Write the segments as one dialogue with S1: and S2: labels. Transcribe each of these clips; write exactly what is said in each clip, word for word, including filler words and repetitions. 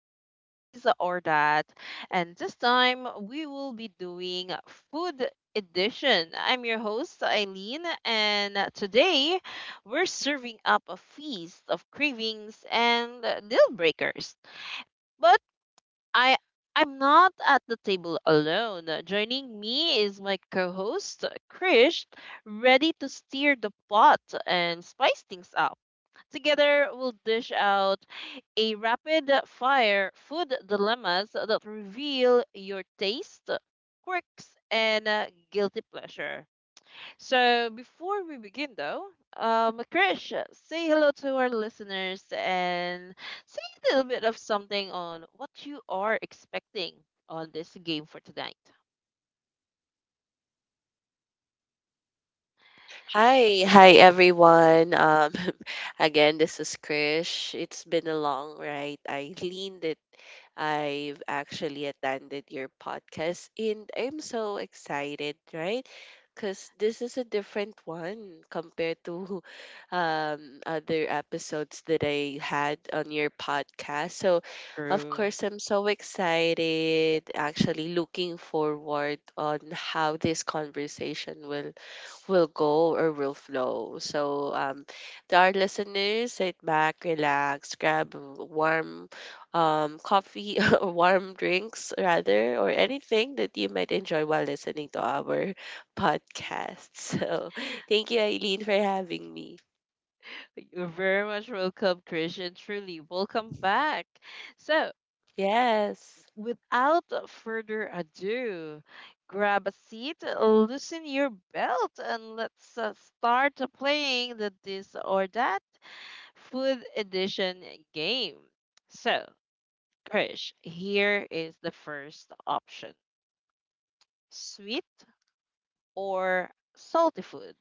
S1: of uh, This or That. And this time we will be doing food edition. I'm your host Eileen and today we're serving up a feast of cravings and uh, deal breakers. But I I'm not at the table alone. Uh, Joining me is my co-host Krish, ready to steer the pot and spice things up. Together, we'll dish out a rapid fire food dilemmas that reveal your taste, quirks, and uh, guilty pleasure. So, before we begin, though, um, Krish, say hello to our listeners and say a little bit of something on what you are expecting on this game for tonight.
S2: Hi, hi everyone. Um, again, this is Krish. It's been a long ride. I leaned it. I've actually attended your podcast, and I'm so excited, right? Because this is a different one compared to um, other episodes that I had on your podcast. So, of
S1: True.
S2: course, I'm so excited. Actually, looking forward on how this conversation will will go or will flow. So, um, to our listeners, sit back, relax, grab a warm um, coffee or warm drinks, rather, or anything that you might enjoy while listening to our podcast. So, thank you, Eileen, for having me.
S1: You're very much welcome, Krish, and truly welcome back. So,
S2: Yes.
S1: without further ado, grab a seat, loosen your belt, and let's uh, start playing the This or That Food Edition game. So, Krish, here is the first option, sweet or salty food?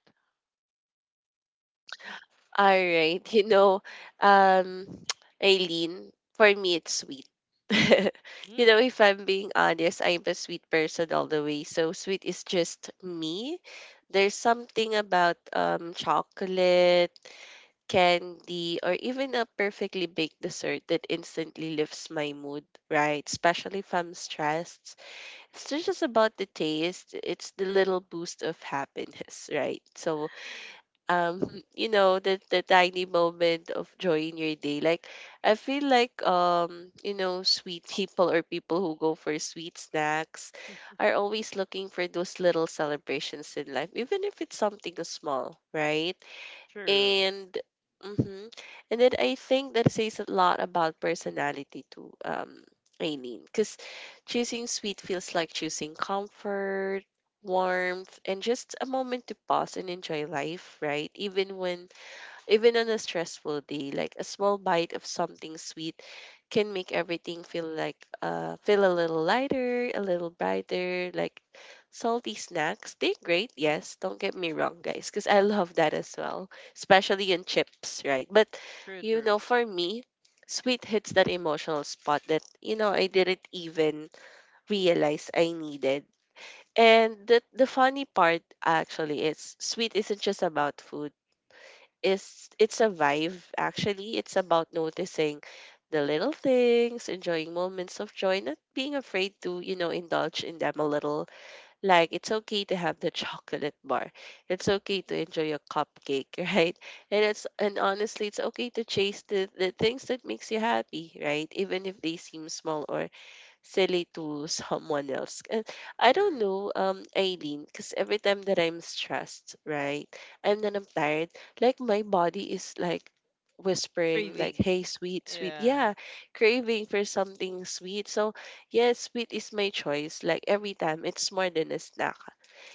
S2: All right. You know, um, Aileen, for me, it's sweet. You
S1: Mm.
S2: know, if I'm being honest, I'm a sweet person all the way. So sweet is just me. There's something about um, chocolate, candy, or even a perfectly baked dessert that instantly lifts my mood, right? Especially if I'm stressed. It's not just about the taste, it's the little boost of happiness, right? So um you know the the tiny moment of joy in your day, like I feel like um you know, sweet people or people who go for sweet snacks are always looking for those little celebrations in life, even if it's something small, right?
S1: True.
S2: And mhm. And then I think that says a lot about personality too, um, Aileen, because choosing sweet feels like choosing comfort, warmth, and just a moment to pause and enjoy life, right? Even when even on a stressful day, like a small bite of something sweet can make everything feel like uh feel a little lighter, a little brighter, like salty snacks. They're great,
S1: Mm.
S2: yes, don't get me wrong, guys, because I love that as well, especially in chips, right? But
S1: True,
S2: you
S1: true,
S2: know, for me, sweet hits that emotional spot that, you know, I didn't even realize I needed. And the the funny part actually is sweet isn't just about food, is it's a vibe actually. It's about noticing the little things, enjoying moments of joy, not being afraid to you know indulge in them a little. Like, it's okay to have the chocolate bar, it's okay to enjoy a cupcake, right? And it's, and honestly, it's okay to chase the, the things that makes you happy, right? Even if they seem small or silly to someone else. And I don't
S1: true.
S2: know, um, Aileen, because every time that I'm stressed, right, and then I'm tired, like my body is like whispering, like,
S1: Craving.
S2: "Hey, sweet, sweet,
S1: Yeah.
S2: yeah, craving for something sweet." So, yes, sweet is my choice. Like every time, it's more than a snack.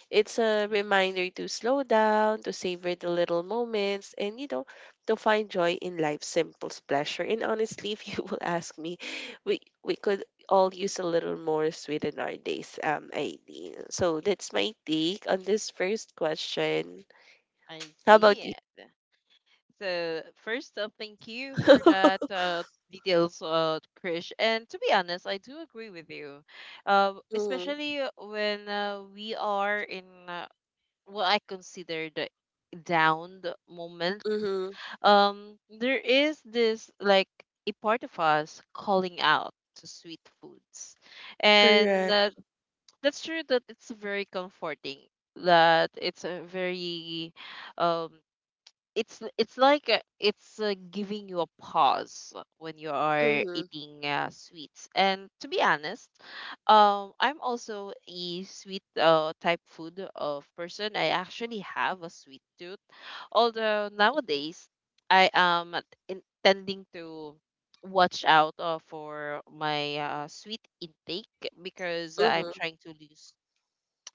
S2: It's a
S1: Mm,
S2: reminder to slow down, to savor the little moments, and you know, to find joy in life's simple pleasure. And honestly, if you will ask me, we we could all use a little more sweet in our days, um, Aileen. So that's my take on this first question.
S1: I
S2: How
S1: see
S2: about you?
S1: it. So first, uh, thank you for that
S2: Mm-hmm,
S1: uh, details, uh, Krish. And to be honest, I do agree with you, uh, especially uh, when uh, we are in uh, what I consider the down the moment.
S2: mm-hmm,
S1: Um, there is this like a part of us calling out to sweet foods, and
S2: correct.
S1: uh, that's true that it's very comforting. That it's a very um it's it's like uh, it's uh, giving you a pause when you are
S2: Mm-hmm,
S1: eating uh, sweets. And to be honest, um, I'm also a sweet uh, type food of person. I actually have a sweet tooth, although nowadays I am intending to watch out uh, for my uh, sweet intake because I'm
S2: mm-hmm,
S1: trying to lose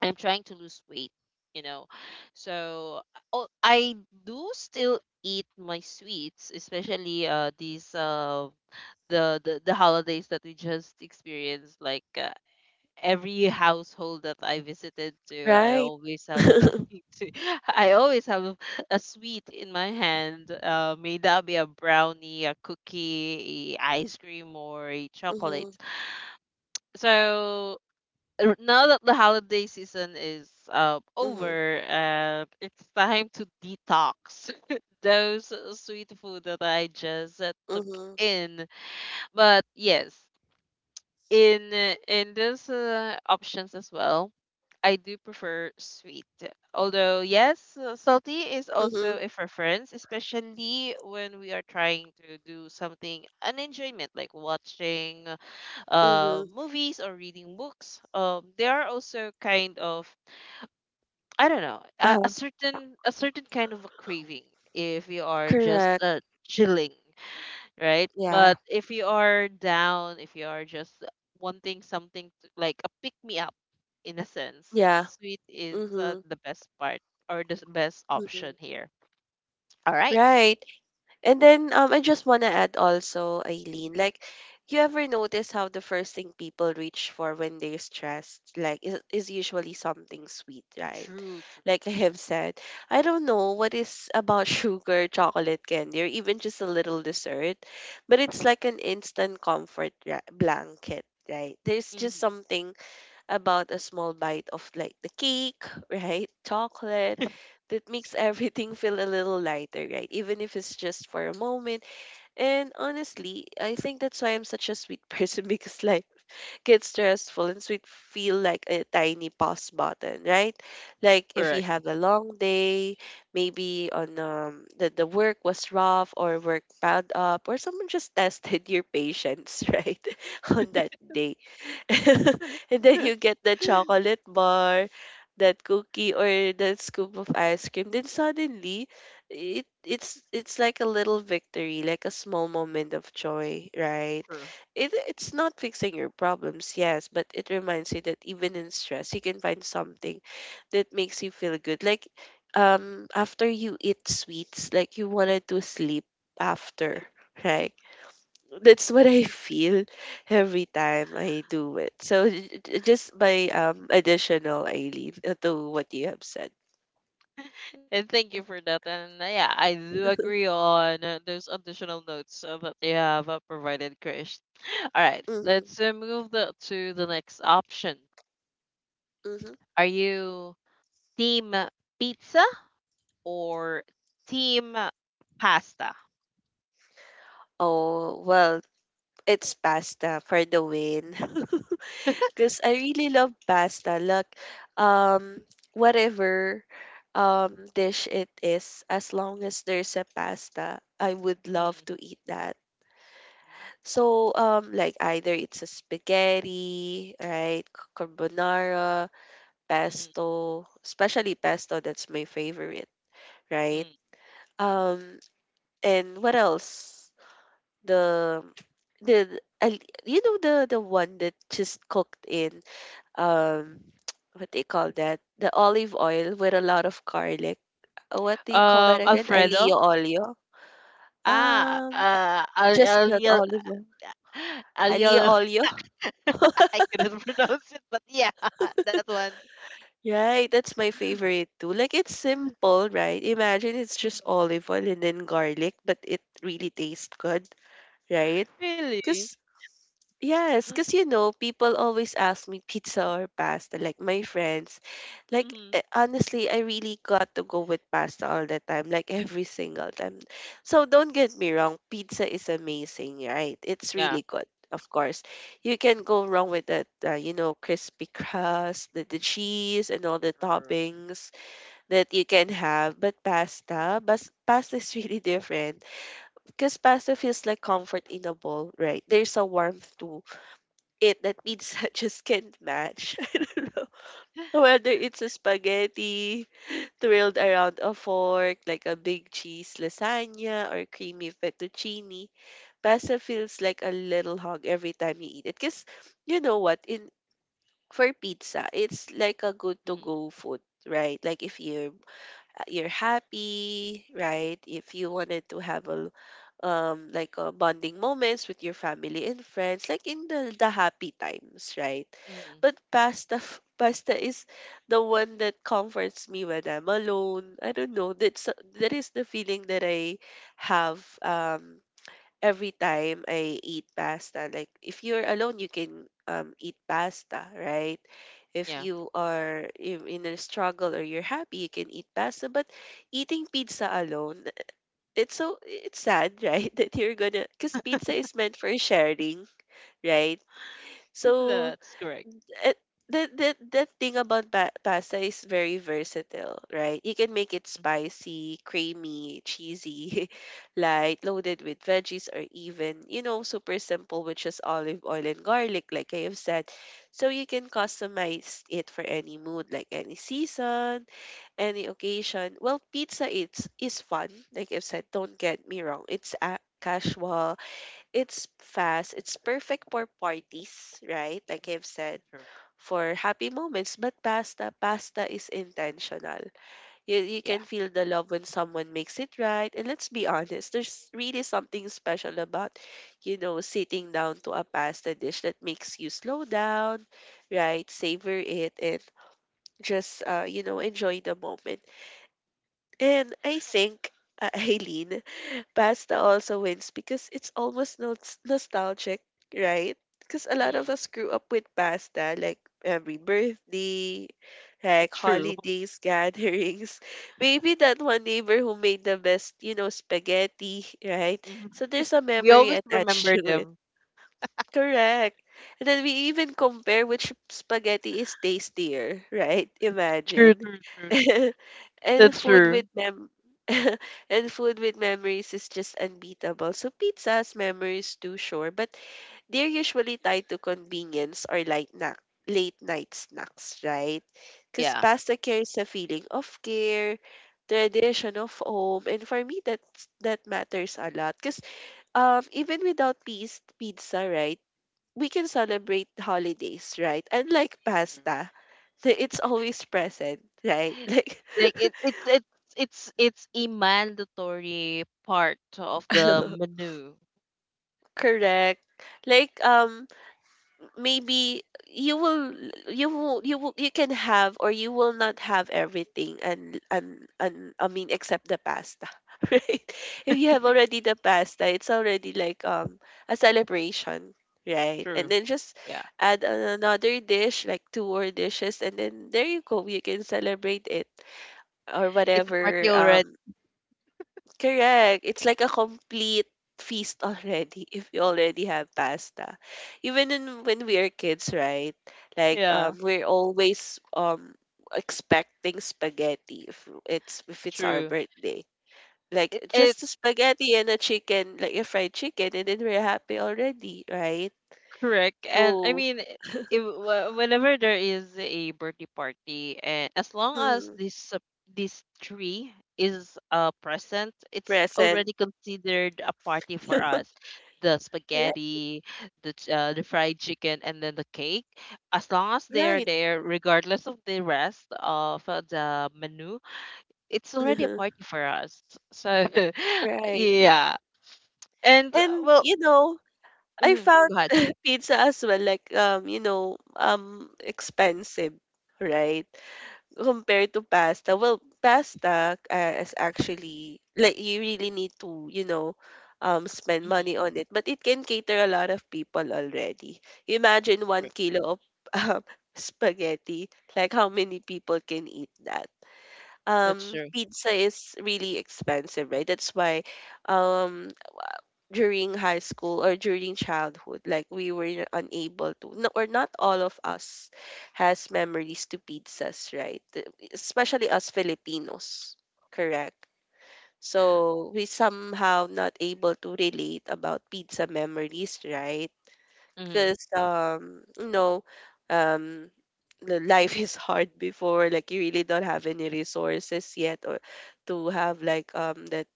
S1: I'm trying to lose weight, you know. So oh, I do still eat my sweets, especially uh these uh the the, the holidays that we just experienced. Like uh, every household that I visited to, I
S2: right.
S1: always have something to. I always have a sweet in my hand. Uh, may that be a brownie, a cookie, a ice cream, or a chocolate.
S2: Mm-hmm.
S1: So r- now that the holiday season is uh,
S2: Mm-hmm.
S1: over, uh, it's time to detox those sweet food that I just uh, took
S2: Mm-hmm.
S1: in. But yes, in uh, in those uh, options as well, I do prefer sweet. Although yes, uh, salty is
S2: Mm-hmm.
S1: also a preference, especially when we are trying to do something an enjoyment like watching uh,
S2: Mm-hmm.
S1: movies or reading books. um, they are also kind of, I don't know, a, a
S2: Uh,
S1: certain a certain kind of a craving if you are just
S2: correct.
S1: uh, chilling, right?
S2: Yeah.
S1: But if you are down, if you are just wanting something to, like a pick me up, in a sense,
S2: Yeah.
S1: sweet is uh,
S2: Mm-hmm.
S1: the best part or the s- best option
S2: Mhm.
S1: here. All right.
S2: Right. And then um, I just want to add also, Eileen, like, you ever notice how the first thing people reach for when they're stressed, like, is, is usually something sweet, right?
S1: True,
S2: Like I have said, I don't know what is about sugar, chocolate candy, or even just a little dessert, but it's like an instant comfort ra- blanket, right? There's
S1: true.
S2: just
S1: Mhm.
S2: something about a small bite of like the cake, right? Chocolate that makes everything feel a little lighter, right? Even if it's just for a moment. And honestly, I think that's why I'm such a sweet person because life gets stressful and sweet feel like a tiny pause button, right? Like if you
S1: Correct.
S2: have a long day, maybe on um the, the work was rough or work piled up or someone just tested your patience, right? On that day and then you get the chocolate bar, that cookie or that scoop of ice cream. Then suddenly, it it's it's like a little victory, like a small moment of joy, right?
S1: True.
S2: It it's not fixing your problems, yes, but it reminds you that even in stress, you can find something that makes you feel good. Like, um after you eat sweets, like you wanted to sleep after. Right? That's what I feel every time I do it. So j- j- just by um additional Eileen, uh, to what you have said.
S1: and thank you for that. And uh, yeah, I do agree on uh, those additional notes uh, that you have uh, provided, Krish. All right,
S2: Mm-hmm,
S1: let's uh, move the, to the next option.
S2: mm-hmm.
S1: Are you team pizza or team pasta?
S2: Oh well, it's pasta for the win. Because I really love pasta. Look, um, whatever um dish it is, as long as there's a pasta, I would love
S1: Mm,
S2: to eat that. So um, like either it's a spaghetti, right, c- carbonara,
S1: mm,
S2: pesto, especially pesto, that's my favorite, right?
S1: mm.
S2: Um, and what else? The the I, you know the the one that just cooked in um what do you call that? The olive oil with a lot of garlic. Uh, What do you call
S1: Um,
S2: that again? Alio
S1: Alfredo.
S2: olio.
S1: Ah,
S2: Um,
S1: uh, Al
S2: just
S1: Al
S2: that
S1: Al
S2: olive oil.
S1: Al-
S2: Alio
S1: Al-
S2: olio.
S1: I couldn't pronounce it, but yeah, that one.
S2: Right, that's my favorite too. Like it's simple, right? Imagine it's just
S1: Mhm.
S2: olive oil and then garlic, but it really tastes good, right?
S1: Really?
S2: Because Yes, because you know, people always ask me pizza or pasta, like my friends. Like,
S1: Mm-hmm.
S2: eh, honestly, I really got to go with pasta all the time, like every single time. So don't get me wrong, pizza is amazing, right? It's really good, of course. You can go wrong with that, uh, you know, crispy crust, the, the cheese, and all the
S1: True.
S2: toppings that you can have. But pasta, bas pasta is really different because pasta feels like comfort in a bowl, right? There's a warmth to it that pizza just can't match. Whether it's a spaghetti twirled around a fork, like a big cheese lasagna or creamy fettuccine, pasta feels like a little hug every time you eat it. Because you know what, in for pizza, it's like a good to
S1: Mm-hmm.
S2: go food, right? Like if you're uh, you're happy, right? If you wanted to have a um like a bonding moments with your family and friends, like in the the happy times, right?
S1: Mm-hmm.
S2: But pasta f- pasta is the one that comforts me when I'm alone. I don't know. That's that is the feeling that I have. Um, every time I eat pasta, like if you're alone, you can um, eat pasta, right? If
S1: Yeah,
S2: you are in in a struggle or you're happy, you can eat pasta. But eating pizza alone, it's so it's sad, right? That you're gonna, because pizza is meant for sharing, right? So
S1: that's correct.
S2: it the the the thing about pa- pasta is very versatile, right? You can make it
S1: Mhm,
S2: spicy, creamy, cheesy, light, loaded with veggies, or even, you know, super simple, which is olive oil and garlic, like I have said. So you can customize it for any mood, like any season, any occasion. Well, pizza it's is fun, like I've said. Don't get me wrong. It's a casual, it's fast, it's perfect for parties, right? Like
S1: mhm.
S2: I've said,
S1: True.
S2: for happy moments, but pasta, pasta is intentional. You, you
S1: Yeah.
S2: can feel the love when someone makes it right. And let's be honest, there's really something special about, you know, sitting down to a pasta dish that makes you slow down, right? Savor it and just, uh, you know, enjoy the moment. And I think, uh, Eileen, pasta also wins because it's almost nos- nostalgic, right? Because a lot
S1: Mm-hmm.
S2: of us grew up with pasta, like every birthday, like
S1: True.
S2: holidays, gatherings. Maybe that one neighbor who made the best, you know, spaghetti, right?
S1: hmm
S2: So there's a
S1: We
S2: memory
S1: always
S2: attached
S1: remember
S2: to.
S1: them.
S2: Correct. And then we even compare which spaghetti is tastier, right?
S1: True,
S2: Imagine.
S1: true, true, true.
S2: And
S1: That's
S2: food
S1: true.
S2: with mem and food with memories is just unbeatable. So pizza has memories too, sure, but they're usually tied to convenience or light na late night snacks, right? Because
S1: Yeah.
S2: pasta carries a feeling of care, tradition of home, and for me that's, that matters a lot. Because um even without peas pizza, right? We can celebrate the holidays, right? Unlike pasta, the- it's always present, right?
S1: True. Like it, it's it's it's it's a mandatory part of the
S2: Like
S1: menu.
S2: correct. Like um maybe you will, you will you will you can have or you will not have everything, and and and I mean, except the pasta, right? If you have already the pasta, it's already like um a celebration, right? And
S1: True.
S2: then just
S1: Yeah.
S2: add another dish, like two or dishes, and then there you go, you can celebrate it. Or
S1: It's a party
S2: whatever.
S1: already.
S2: Um, correct. It's like a complete feast already if you already have pasta. Even in, when we are kids, right? Like
S1: Yeah.
S2: um, we're always um expecting spaghetti if it's if it's our
S1: True.
S2: birthday.
S1: It,
S2: Like
S1: it
S2: just a spaghetti and a chicken, like a fried chicken, and then we're happy already, right?
S1: Correct. And I
S2: So
S1: mean, if, wh- whenever there is a birthday party, and as long as
S2: mm,
S1: this uh, this tree is uh, present, it's
S2: present.
S1: already considered a party for us. The
S2: Right,
S1: spaghetti, the ch- uh, the fried chicken, and then the cake. As long as they are
S2: right,
S1: there, regardless of the rest of uh, the menu, it's already a party for us. So,
S2: right.
S1: yeah. And uh,
S2: And
S1: well,
S2: you know, I
S1: mhm,
S2: found
S1: go ahead.
S2: pizza as well like um you know um expensive, right? Compared to pasta. Well, pasta uh, is actually like you really need to, you know, um spend
S1: Mhm,
S2: money on it, but it can cater a lot of people already. Imagine one
S1: true.
S2: kilo of um, spaghetti, like how many people can eat that?
S1: That's
S2: Um,
S1: true.
S2: pizza is really expensive, right? That's why um during high school or during childhood, like we were unable to no, or not all of us has memories to pizzas, right? The- especially us Filipinos, correct, so we somehow not able to relate about pizza memories, right?
S1: Mm-hmm.
S2: Because um you know um the life is hard before, like you really don't have any resources yet or to have like um that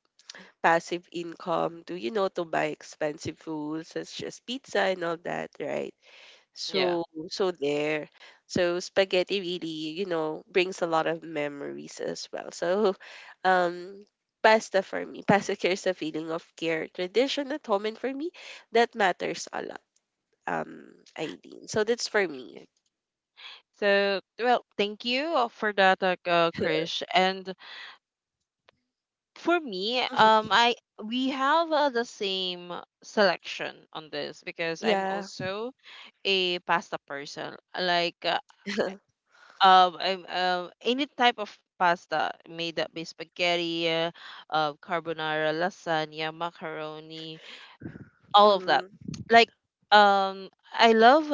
S2: passive income to, you know, to buy expensive foods such as pizza and all that, right?
S1: Yeah.
S2: So so there, so spaghetti really, you know, brings a lot of memories as well. So um pasta, for me, pasta carries a feeling of care, tradition at home, and for me that matters a lot, um Aileen. So that's for me.
S1: Yeah. So, well, thank you uh, for that, uh, uh, Krish. And for me, um,
S2: Mhm.
S1: I we have uh, the same selection on this because I'm
S2: Yeah.
S1: also a pasta person. Like, uh, um, I'm um any type of pasta made up by spaghetti, uh, uh, carbonara, lasagna, macaroni, all of that.
S2: Mm.
S1: Like, um, I love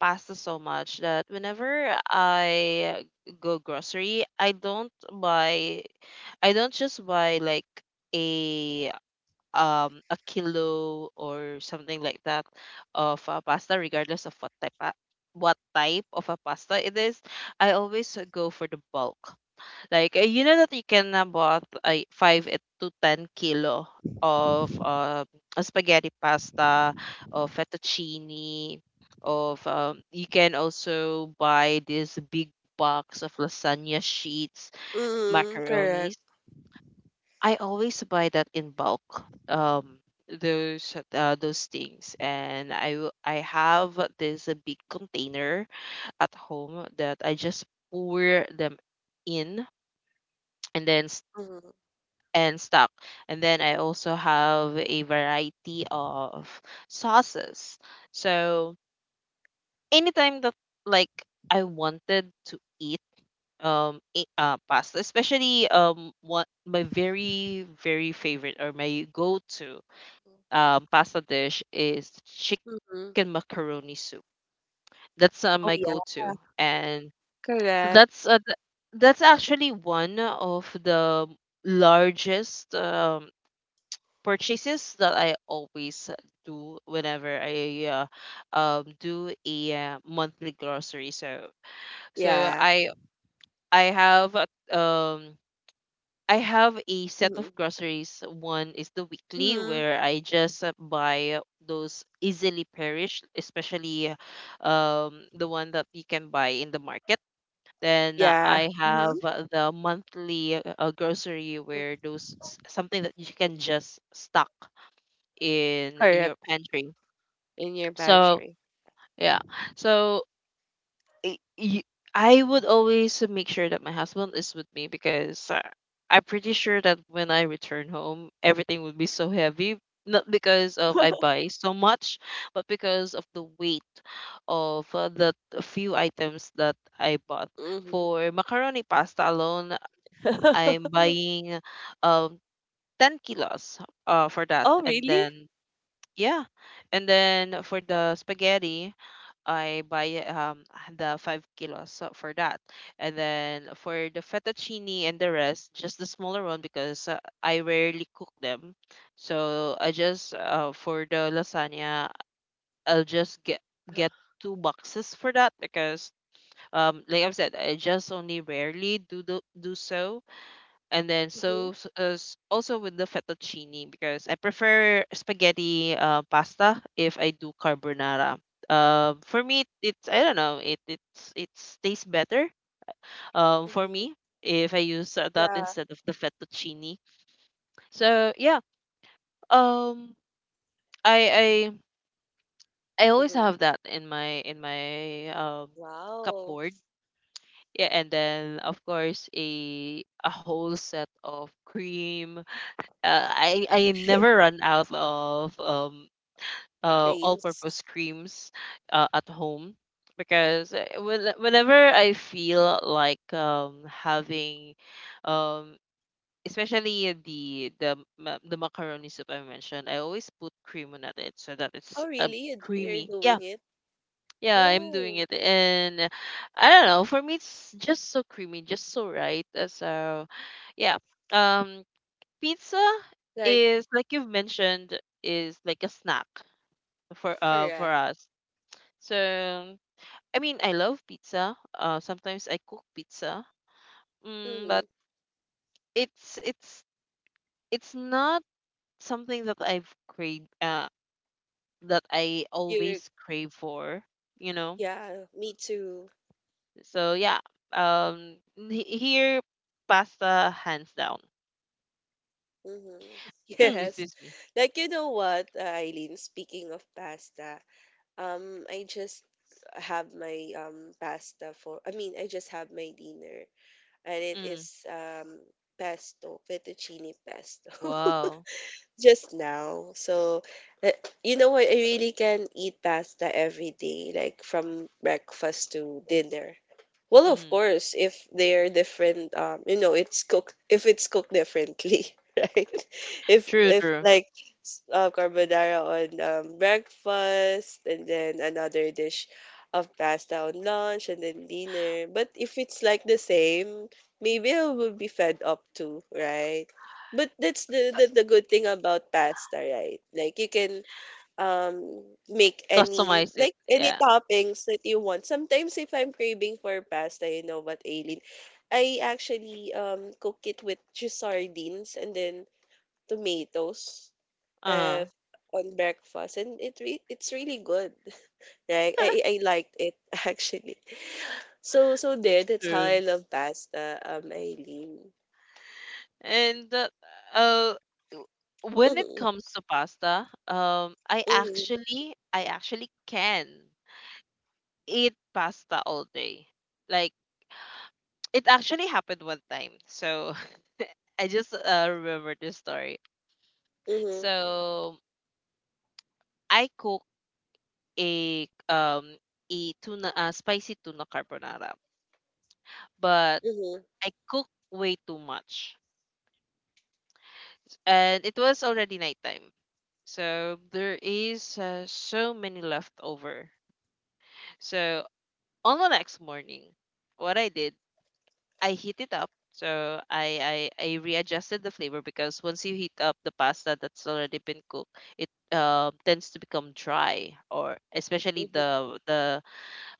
S1: pasta so much that whenever I go grocery, I don't buy, I don't just buy like a um a kilo or something like that of uh, pasta, regardless of what type pa- what type of a pasta it is. I always go for the bulk. Like, uh, you know that you can uh, bought uh, five it to ten kilo of uh, a spaghetti pasta, of fettuccine, of um, you can also buy this big box of lasagna sheets,
S2: Mm. Correct.
S1: macaronis. I always buy that in bulk. Um, those uh, those things, and I w- I have this uh, big container at home that I just pour them in, and then
S2: Mm.
S1: and stock. And then I also have a variety of sauces. So anytime that, like, I wanted to eat um i- uh, pasta, especially um one my very very favorite or my go-to um pasta dish is chicken
S2: Mm.
S1: macaroni soup. That's uh, my
S2: Oh yeah.
S1: go-to, and
S2: Correct.
S1: that's uh, th- that's actually one of the largest um purchases that I always do whenever I uh, um do a uh, monthly grocery. So so
S2: Yeah.
S1: I I have a- um I have a set of
S2: Mhm.
S1: groceries. One is the weekly
S2: Mhm.
S1: where I just uh, buy those easily perish, especially um the one that you can buy in the market. Then uh,
S2: Yeah.
S1: I
S2: Mhm.
S1: have uh, the monthly uh, grocery
S2: Mm.
S1: where those s- something that you can just stock in in
S2: Correct,
S1: your pantry.
S2: in your
S1: So
S2: pantry.
S1: yeah, so y- y- I would always make sure that my husband is with me because uh, I'm pretty sure that when I return home, everything would be so heavy. Not because of I buy so much, but because of the weight of uh, the few items that I bought.
S2: Mhm.
S1: For macaroni pasta alone, I'm buying um ten kilos uh, for that,
S2: Oh,
S1: and then
S2: really?
S1: yeah. And then for the spaghetti, I buy um the five kilos so for that. And then for the fettuccine and the rest, just the smaller one because uh, I rarely cook them. So I just uh, for the lasagna, I'll just get
S2: Uh-huh.
S1: get two boxes for that because um like I've said, I just only rarely do the, do so. And then
S2: Mm-hmm.
S1: so, s- uh, s- also with the fettuccine because I prefer spaghetti uh, pasta if I do carbonara. Um, for me, it's, I don't know, it it's it's tastes better. Um, for
S2: Mm-hmm.
S1: me, if I use uh, that
S2: Yeah.
S1: instead of the fettuccine. So yeah, um, I I I always
S2: Mhm.
S1: have that in my in my um
S2: Wow.
S1: cupboard. Yeah, and then of course a a whole set of cream. uh, I I never run out of um uh
S2: Creams.
S1: all-purpose creams uh, at home because uh, when, whenever I feel like um having um especially the the ma- the macaroni soup I mentioned, I always put cream on it so that it's
S2: Oh,
S1: uh,
S2: really? You d- You're
S1: creamy. Yeah.
S2: doing it?
S1: Yeah, I'm doing
S2: Oh.
S1: it, and I don't know. For me, it's just so creamy, just so right. uh, So, yeah. Um, pizza
S2: Like,
S1: is, like you've mentioned, is like a snack for uh for
S2: correct.
S1: us. So I mean, I love pizza. Uh sometimes I cook pizza. Mm,
S2: Mm-hmm.
S1: but it's it's it's not something that I've craved uh that I
S2: You're,
S1: always crave for, you know.
S2: yeah, me too.
S1: So yeah. Um he- here pasta hands down.
S2: Mm-hmm. Yes.
S1: Excuse me.
S2: Like, you know what, uh, Eileen, speaking of pasta, Um, I just have my um pasta for I mean, I just have my dinner and it
S1: Mm,
S2: is um pesto, fettuccine pesto.
S1: wow.
S2: Just now. So uh, you know what? I really can eat pasta every day, like from breakfast to dinner. Well, of
S1: Mm-hmm.
S2: course, if they're different, um, you know, it's cooked if it's cooked differently, right? If
S1: True,
S2: if
S1: true.
S2: like s- uh, carbonara on um, breakfast, and then another dish of pasta on lunch, and then dinner. But if it's like the same, maybe I will be fed up too, right? But that's the, the the good thing about pasta, right? Like you can um make any
S1: Customize it.
S2: like any
S1: Yeah.
S2: toppings that you want. Sometimes if I'm craving for pasta, you know what, Aileen, I actually um cook it with just sardines and then tomatoes uh
S1: Uh-huh.
S2: on breakfast, and it re- it's really good. Like I I liked it actually. So so there that's how
S1: True.
S2: I love pasta, um Aileen.
S1: And uh, uh, w- when it
S2: Mhm.
S1: comes to pasta, um, I
S2: Mhm.
S1: actually, I actually can eat pasta all day. Like, it actually happened one time. So I just uh, remember this story.
S2: Mhm.
S1: So I cook a um a tuna uh, spicy tuna carbonara, but I cook way too much, and it was already nighttime. So there is uh, so many left over. So on the next morning, what I did, I heat it up. So I, I I readjusted the flavor because once you heat up the pasta that's already been cooked, it um tends to become dry, or especially
S2: Mhm.
S1: the the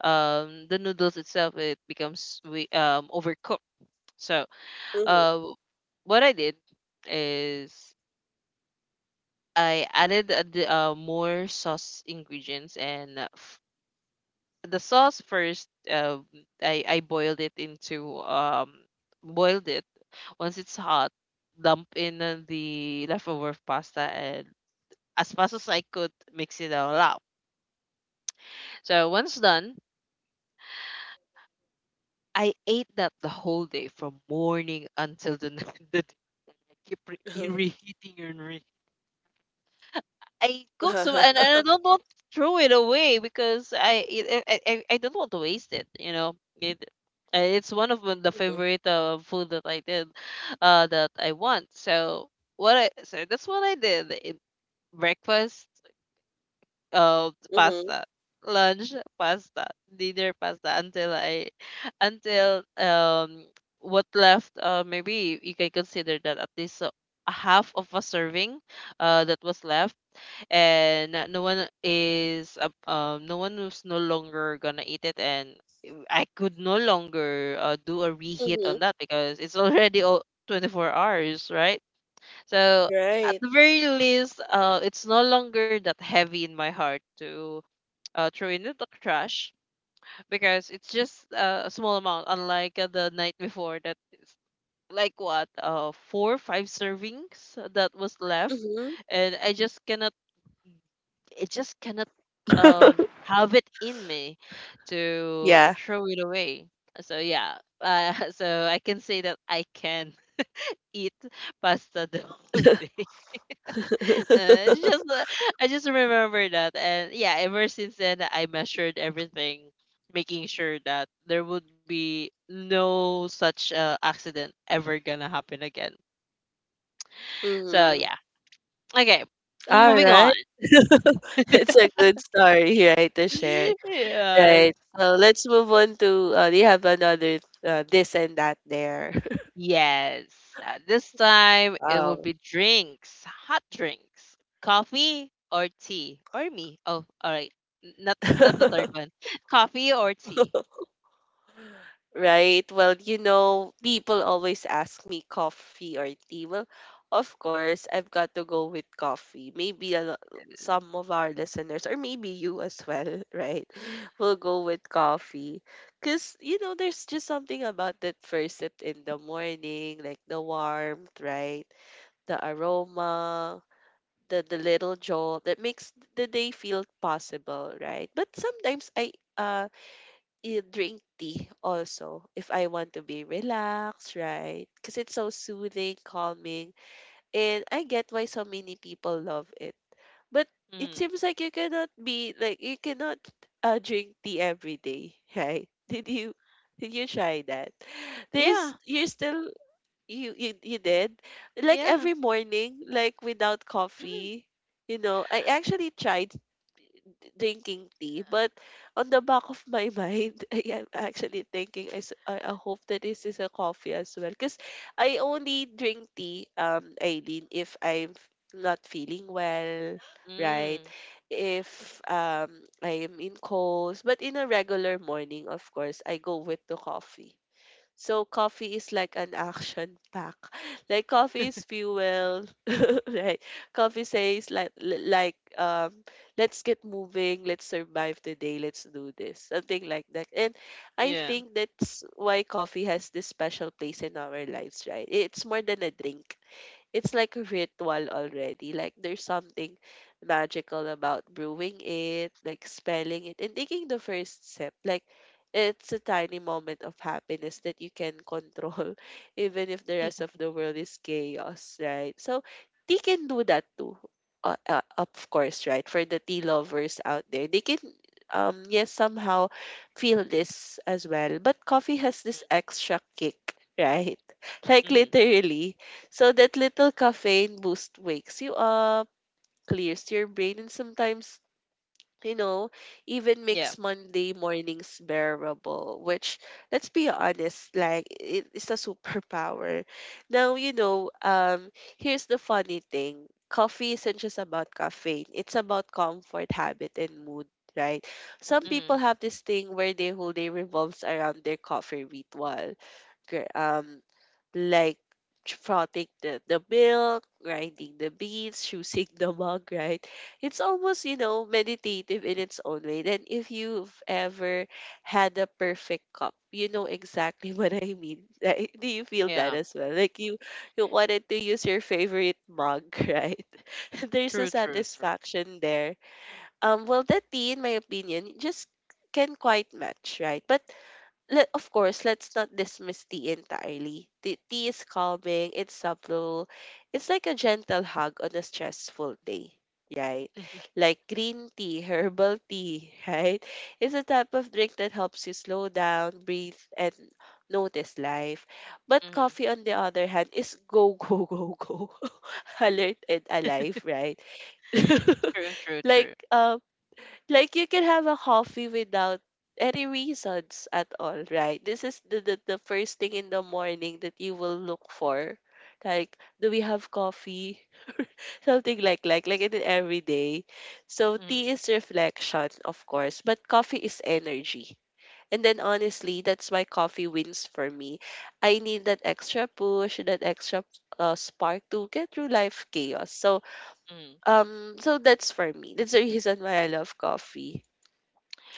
S1: um the noodles itself it becomes we um overcooked. So
S2: Mhm.
S1: uh what I did is I added a, d- uh, more sauce ingredients and uh, f- the sauce first, uh, I, I boiled it into um boiled it. Once it's hot, dump in uh, the leftover pasta and as fast as I could mix it all up. So once done, I ate that the whole day from morning until the next day. I keep re- e-
S2: Mhm.
S1: reheating and re- I cook some, and, and I don't want to throw it away because I, it, I i I don't want to waste it you know it Uh, It's one of the
S2: Mhm.
S1: favorite uh, food that I did, uh, that I want. So what I so that's what I did. I- Breakfast, uh,
S2: Mhm.
S1: pasta, lunch, pasta, dinner, pasta until I, until um, what left? Uh, maybe you can consider that at least uh, a half of a serving, uh, that was left, and uh, no one is uh, um no one was no longer gonna eat it, and I could no longer uh, do a reheat
S2: Mhm.
S1: on that because it's already o- twenty-four hours, right? So at
S2: Right.
S1: the very least, uh, it's no longer that heavy in my heart to uh, throw in the trash because it's just uh, a small amount, unlike uh, the night before that it's like what, uh, four five servings that was left,
S2: Mhm.
S1: and I just cannot it just cannot um have it in me to
S2: Yeah.
S1: throw it away. So yeah, uh, so I can say that I can eat pasta the whole day. Uh, it's just uh, I just remember that. And yeah, ever since then, I measured everything, making sure that there would be no such uh, accident ever gonna happen again. So
S2: Mhm.
S1: yeah, okay, moving
S2: Alright.
S1: on.
S2: It's a good story, right, to share.
S1: Yeah,
S2: Right. So let's move on to uh, do you have another uh, this and that there?
S1: yes, uh, this time it will
S2: Wow.
S1: be drinks, hot drinks, coffee or tea, or me. Oh, all right, N- not not the third one. Coffee or tea.
S2: Right. Well, you know, people always ask me coffee or tea. Well, of course, I've got to go with coffee. Maybe a, lo- some of our listeners, or maybe you as well, right, will go with coffee. Because, you know, there's just something about that first sip in the morning, like the warmth, right? The aroma, the, the little jolt that makes the day feel possible, right? But sometimes I, uh, you drink tea also if I want to be relaxed, right? Because it's so soothing, calming, and I get why so many people love it. But it seems
S1: Mm.
S2: like you cannot be like you cannot uh, drink tea every day, right? Did you did you try that?
S1: Yeah,
S2: There's you're still you you you did like
S1: yeah.
S2: every morning like without
S1: Mm.
S2: coffee. You know, I actually tried drinking tea. But on the back of my mind, I am actually thinking, I, s- I- I hope that this is a coffee as well. Because I only drink tea, um, Aileen, if I'm f- not feeling well, right?
S1: Mm.
S2: If um, I am in colds. But in a regular morning, of course, I go with the coffee. So coffee is like an action pack. Like coffee is fuel, right? Coffee says like li- like um let's get moving, let's survive the day, let's do this. Something like that. And I
S1: Yeah.
S2: think that's why coffee has this special place in our lives, right? It's more than a drink, it's like a ritual already. Like there's something magical about brewing it, like spelling it, and taking the first sip. Like it's a tiny moment of happiness that you can control, even if the rest of the world is chaos, right? So they can do that too. Uh, uh, of course, right? For the tea lovers out there, they can um yes somehow feel this as well. But coffee has this extra kick, right? Like
S1: Mm-hmm.
S2: literally so that little caffeine boost wakes you up, clears your brain, and sometimes, you know, even
S1: Yeah.
S2: makes Monday mornings bearable, which, let's be honest, like, it is a superpower. Now, you know, um, here's the funny thing. Coffee isn't just about caffeine. It's about comfort, habit, and mood, right? Some people
S1: Mm-hmm.
S2: have this thing where their whole day revolves around their coffee ritual, gr- um like frothing the, the milk, grinding the beans, choosing the mug, right? It's almost, you know, meditative in its own way. Then if you've ever had a perfect cup, you know exactly what I mean. Right? Do you feel that
S1: Yeah.
S2: as well? Like you you wanted to use your favorite mug, right? There's a
S1: True, true, true.
S2: satisfaction there. Um well the tea in my opinion just can quite match, right? But let of course let's not dismiss tea entirely. Tea, tea is calming, it's subtle. It's like a gentle hug on a stressful day, right? Like green tea, herbal tea, right? It's a type of drink that helps you slow down, breathe, and notice life. But
S1: Mm-hmm.
S2: coffee on the other hand is go go go go, alert and alive, right?
S1: True, true,
S2: like
S1: true.
S2: um like you can have a coffee without any reasons at all, right? This is the, the the first thing in the morning that you will look for. Like, do we have coffee? Something like like like in every day. So tea
S1: Mm-hmm,
S2: is reflection, of course, but coffee is energy. And then honestly, that's why coffee wins for me. I need that extra push, that extra uh, spark to get through life chaos. So
S1: mm-hmm.
S2: um, so that's for me. That's the reason why I love coffee.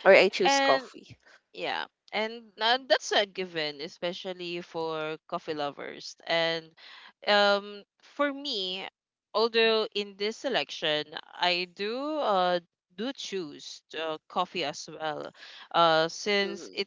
S2: Or I choose
S1: And.
S2: coffee.
S1: Yeah, and uh, that's a given, especially for coffee lovers. And um, for me, although in this selection, I do uh do choose uh, coffee as well, uh, since
S2: Mhm.
S1: it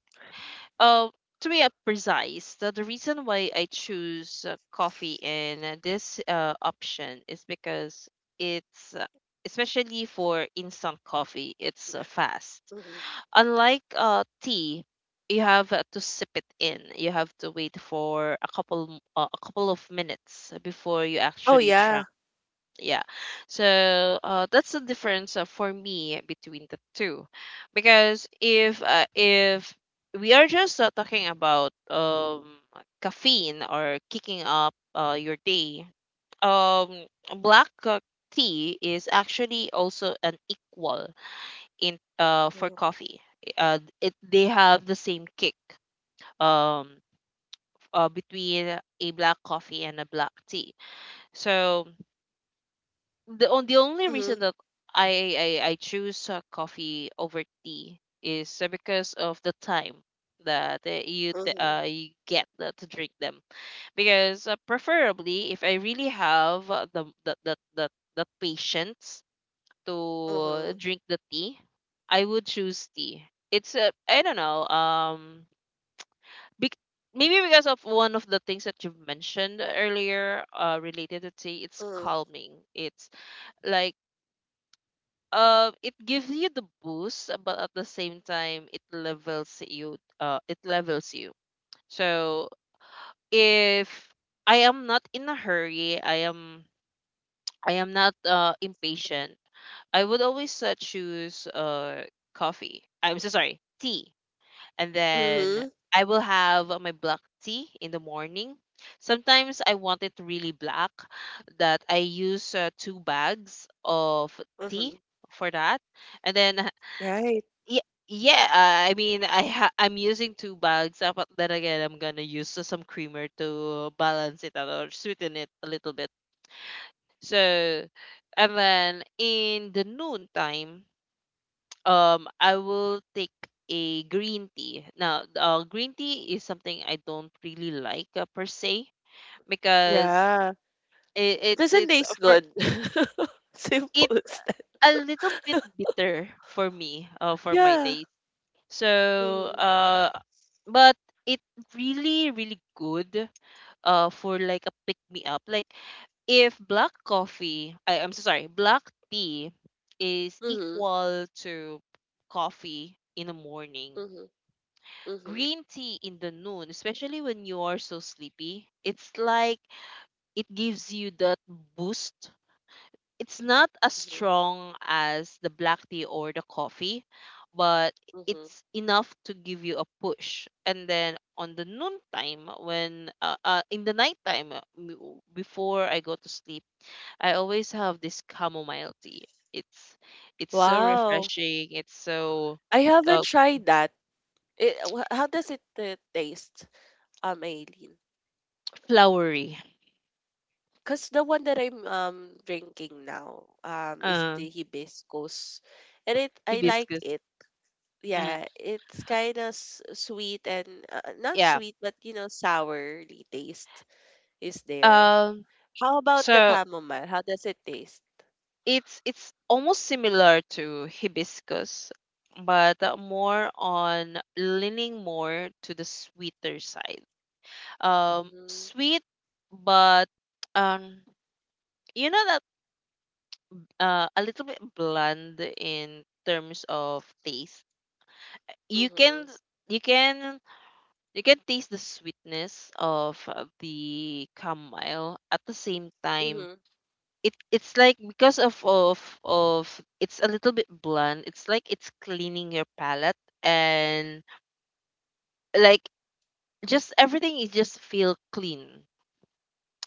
S1: uh to be uh, precise, the, the reason why I choose uh, coffee in uh, this uh option is because it's uh, especially for instant coffee, it's uh, fast.
S2: Mhm.
S1: Unlike uh, tea, you have uh, to sip it in. You have to wait for a couple m- uh, a couple of minutes before you
S2: Oh
S1: actually
S2: yeah.
S1: drink. Yeah, so uh, that's the difference uh, for me between the two, because if uh, if we are just uh, talking about um caffeine or kicking up uh, your day, um black uh, tea is actually also an equal in uh for
S2: Mhm.
S1: coffee. Uh, it they have the same kick, um uh, between a black coffee and a black tea. So the on the only reason
S2: Mhm.
S1: that I I, I choose uh, coffee over tea is uh, because of the time that uh, you t-
S2: Mhm.
S1: uh, you get uh, to drink them, because uh, preferably if I really have uh, the the the the, the patience to
S2: Mhm.
S1: drink the tea, I would choose tea. It's a I don't know. Um, bec- Maybe because of one of the things that you've mentioned earlier, uh, related to tea, it's
S2: Mhm.
S1: calming. It's like uh, it gives you the boost, but at the same time, it levels you. Uh, it levels you. So if I am not in a hurry, I am I am not uh, impatient. I would always uh, choose uh, coffee. I'm so sorry, tea. And then
S2: Mhm.
S1: I will have my black tea in the morning. Sometimes I want it really black, that I use uh, two bags of tea
S2: Mhm.
S1: for that. And then,
S2: Right.
S1: yeah, yeah uh, I mean, I ha- I'm using two bags, uh, but then again, I'm gonna use uh, some creamer to balance it out or sweeten it a little bit. So, and then in the noon time, um, I will take a green tea. Now, uh, green tea is something I don't really like uh, per se, because
S2: Yeah.
S1: it,
S2: It
S1: it's
S2: doesn't
S1: it's uh,
S2: taste
S1: for
S2: good. Simple
S1: it's
S2: as that.
S1: a little bit bitter for me, uh, for my
S2: Yeah.
S1: taste. So,
S2: Mhm.
S1: uh, but it really really good uh for like a pick me up. Like if black coffee, I, I'm so sorry, black tea is
S2: Mhm.
S1: equal to coffee in the morning,
S2: Mhm. Mhm.
S1: green tea in the noon, especially when you are so sleepy. It's like it gives you that boost. It's not as
S2: Mhm.
S1: strong as the black tea or the coffee, but
S2: Mhm.
S1: it's enough to give you a push. And then on the noon time, when uh, uh, in the night time, before I go to sleep, I always have this chamomile tea. It's it's so
S2: Wow.
S1: refreshing. It's so
S2: I
S1: uh,
S2: haven't tried that. It, wh- how does it uh, taste, um, Aileen?
S1: flowery.
S2: Because the one that I'm um drinking now um is
S1: Uh,
S2: the hibiscus, and it I like
S1: Hibiscus.
S2: it.
S1: Mm,
S2: Yeah, it's kind of sweet and uh, not
S1: yeah.
S2: sweet, but you know, sourly taste is there.
S1: Um.
S2: How about the
S1: So
S2: chamomile? How does it taste?
S1: it's it's almost similar to hibiscus, but uh, more on leaning more to the sweeter side. Um,
S2: Mm-hmm.
S1: sweet, but um, you know that uh, a little bit bland in terms of taste. you can
S2: Mm-hmm.
S1: you can you can taste the sweetness of uh, the chamomile. At the same time,
S2: Mm-hmm.
S1: it it's like because of of of it's a little bit blunt. It's like it's cleaning your palate, and like just everything is just feel clean.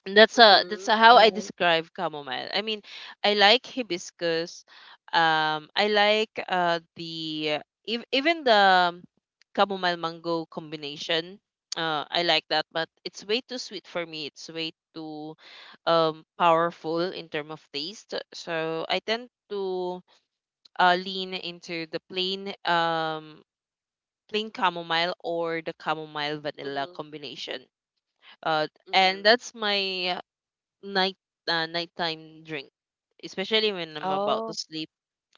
S1: And that's a that's
S2: Mm-hmm.
S1: a, how I
S2: Right.
S1: describe chamomile. I mean, I like hibiscus. Um, I like uh the ev- even the chamomile mango combination. Uh, I like that, but it's way too sweet for me. It's way too um
S2: Mm-hmm.
S1: powerful in term of taste. So I tend to uh lean into the plain um plain chamomile or the chamomile vanilla
S2: Mm-hmm.
S1: combination. Uh, and
S2: Mm-hmm.
S1: that's my night uh, nighttime drink, especially when I'm about to
S2: Oh.
S1: sleep.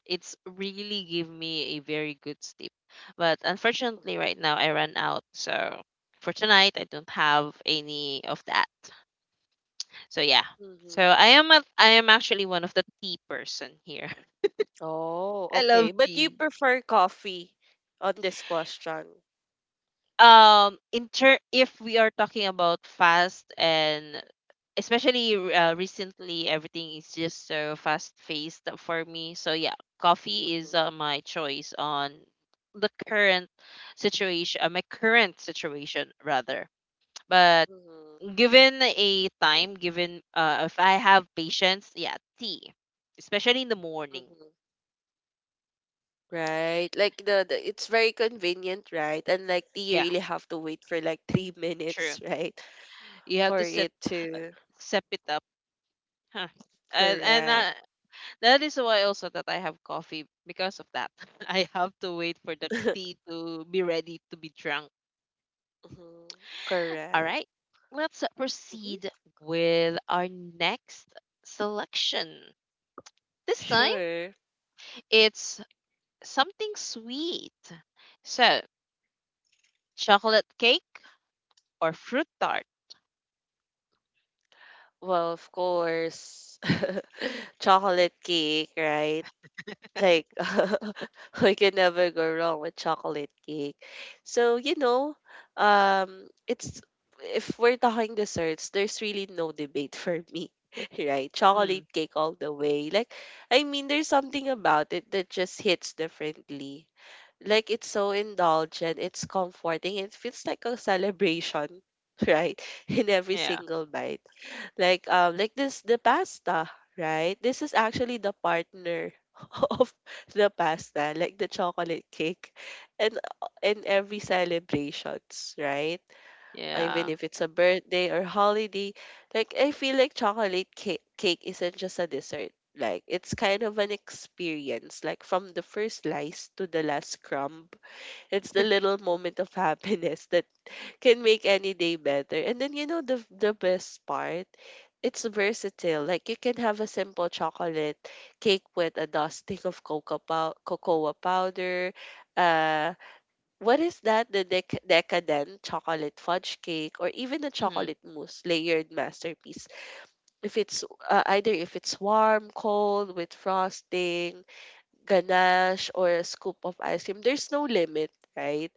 S1: It's really give me a very good sleep. But unfortunately, right now I ran out, so for tonight I don't have any of that. So yeah. So
S2: Mm-hmm.
S1: I am a, I am actually one of the tea person here.
S2: Oh,
S1: I love
S2: okay. But you
S1: tea.
S2: prefer coffee on this question.
S1: Um in ter- if we are talking about fast, and especially uh, recently everything is just so fast paced for me, so yeah, coffee is
S2: Mm-hmm.
S1: uh, my choice on the current situation uh, my current situation rather. But
S2: Mm-hmm.
S1: given a time, given uh, if I have patience, yeah, tea, especially in the morning.
S2: Mm-hmm. Right. Like the, the it's very convenient, right? And like you
S1: Yeah,
S2: really have to wait for like three
S1: true,
S2: minutes, right?
S1: you have
S2: For
S1: to set
S2: it to
S1: sep it up, huh. and, and
S2: correct.
S1: uh, That is why also that I have coffee because of that. I have to wait for the tea to be ready to be drunk.
S2: Mhm.
S1: All
S2: Correct.
S1: right. Let's
S2: Mhm.
S1: proceed with our next selection. This time
S2: Sure.
S1: it's something sweet. So, chocolate cake or fruit tart?
S2: Well, of course, chocolate cake, right? Like we can never go wrong with chocolate cake. So, you know, um it's if we're talking desserts, there's really no debate for me, right?
S1: Mm,
S2: Chocolate cake all the way. Like I mean, there's something about it that just hits differently. Like it's so indulgent, it's comforting, it feels like a celebration, right? In every
S1: yeah.
S2: single bite. Like um like this the pasta, right? This is actually the partner of the pasta, like the chocolate cake and in every celebrations, right? Uh,
S1: Yeah.
S2: Even if it's a birthday or holiday, like I feel like chocolate cake, cake isn't just a dessert. Like it's kind of an experience, like from the first slice to the last crumb, it's the little moment of happiness that can make any day better. And then you know the the best part, it's versatile. Like you can have a simple chocolate cake with a dusting of cocoa pow- cocoa powder, uh what is that? The dec- decadent chocolate fudge cake, or even a
S1: Mm,
S2: chocolate mousse layered masterpiece. If it's uh, either if it's warm, cold, with frosting, ganache, or a scoop of ice cream. There's no limit, right?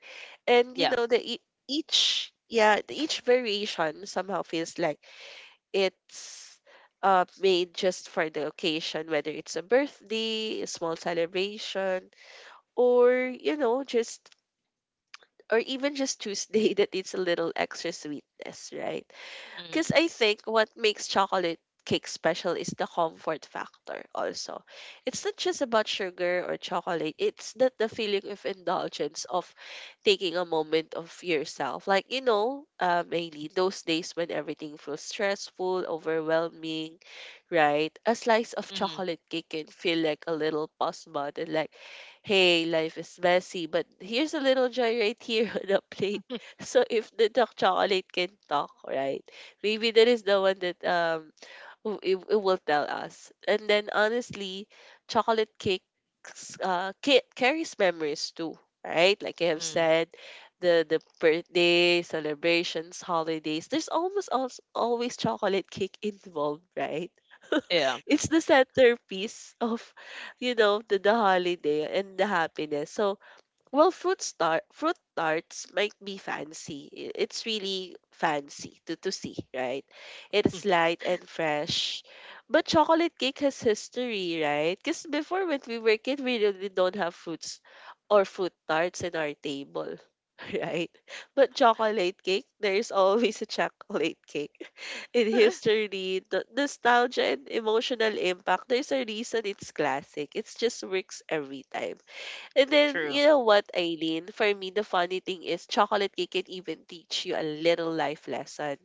S2: And you
S1: yeah.
S2: know the e- each yeah the- each variation somehow feels like it's uh made just for the occasion, whether it's a birthday, a small celebration, or you know just or even just Tuesday that needs a little extra sweetness, right? Because
S1: Mm,
S2: I think what makes chocolate cake special is the comfort factor also. It's not just about sugar or chocolate. It's that the feeling of indulgence of taking a moment of yourself. Like, you know, uh, mainly those days when everything feels stressful, overwhelming, right? A slice of
S1: mm,
S2: chocolate cake can feel like a little pause button, like, hey, life is messy, but here's a little joy right here on a plate. So if the dark chocolate can talk, right? Maybe that is the one that um w- it, it will tell us. And then honestly, chocolate cakes uh ca- carries memories too, right? Like I have
S1: mm,
S2: said, the the birthday celebrations, holidays. There's almost also always chocolate cake involved, right?
S1: yeah.
S2: It's the centerpiece of you know the, the holiday and the happiness. So well, fruit star fruit tarts might be fancy. I- It's really fancy to to see, right? It's light and fresh. But chocolate cake has history, right? Because before when we were kid, we really don't have fruits or fruit tarts in our table, right? But chocolate cake, there's always a chocolate cake. In history, the nostalgia and emotional impact, there's a reason it's classic. It just works every time. And then,
S1: True.
S2: you know what, Eileen? For me, the funny thing is chocolate cake can even teach you a little life lesson.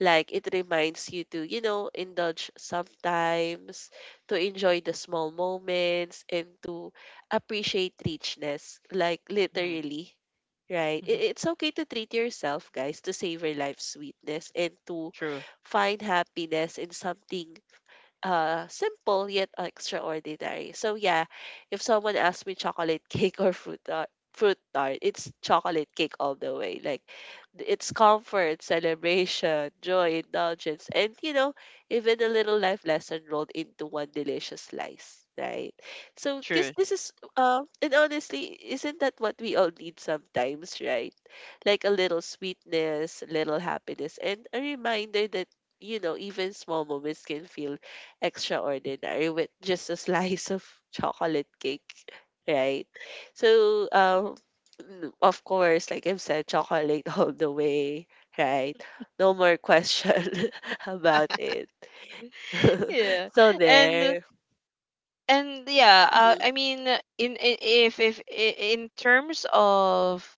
S2: Like, it reminds you to, you know, indulge sometimes, to enjoy the small moments, and to appreciate richness. Like,
S1: Mhm.
S2: literally, right? It, it's okay to treat yourself, guys, to savor life's sweetness and to
S1: True,
S2: find happiness in something uh, simple yet extraordinary. So yeah, if someone asks me chocolate cake or fruit tart, fruit tart, it's chocolate cake all the way. Like th- it's comfort, celebration, joy, indulgence, and you know, even a little life lesson rolled into one delicious slice, right? So guess
S1: true.
S2: this is um and honestly, isn't that what we all need sometimes, right? Like a little sweetness, a little happiness, and a reminder that you know, even small moments can feel extraordinary with just a slice of chocolate cake, right? So, um, n- of course, like I've said, chocolate all the way, right? No more question about it.
S1: Yeah.
S2: So
S1: And
S2: there.
S1: and Yeah, uh,
S2: Mhm,
S1: I mean, in, in if if I- in terms of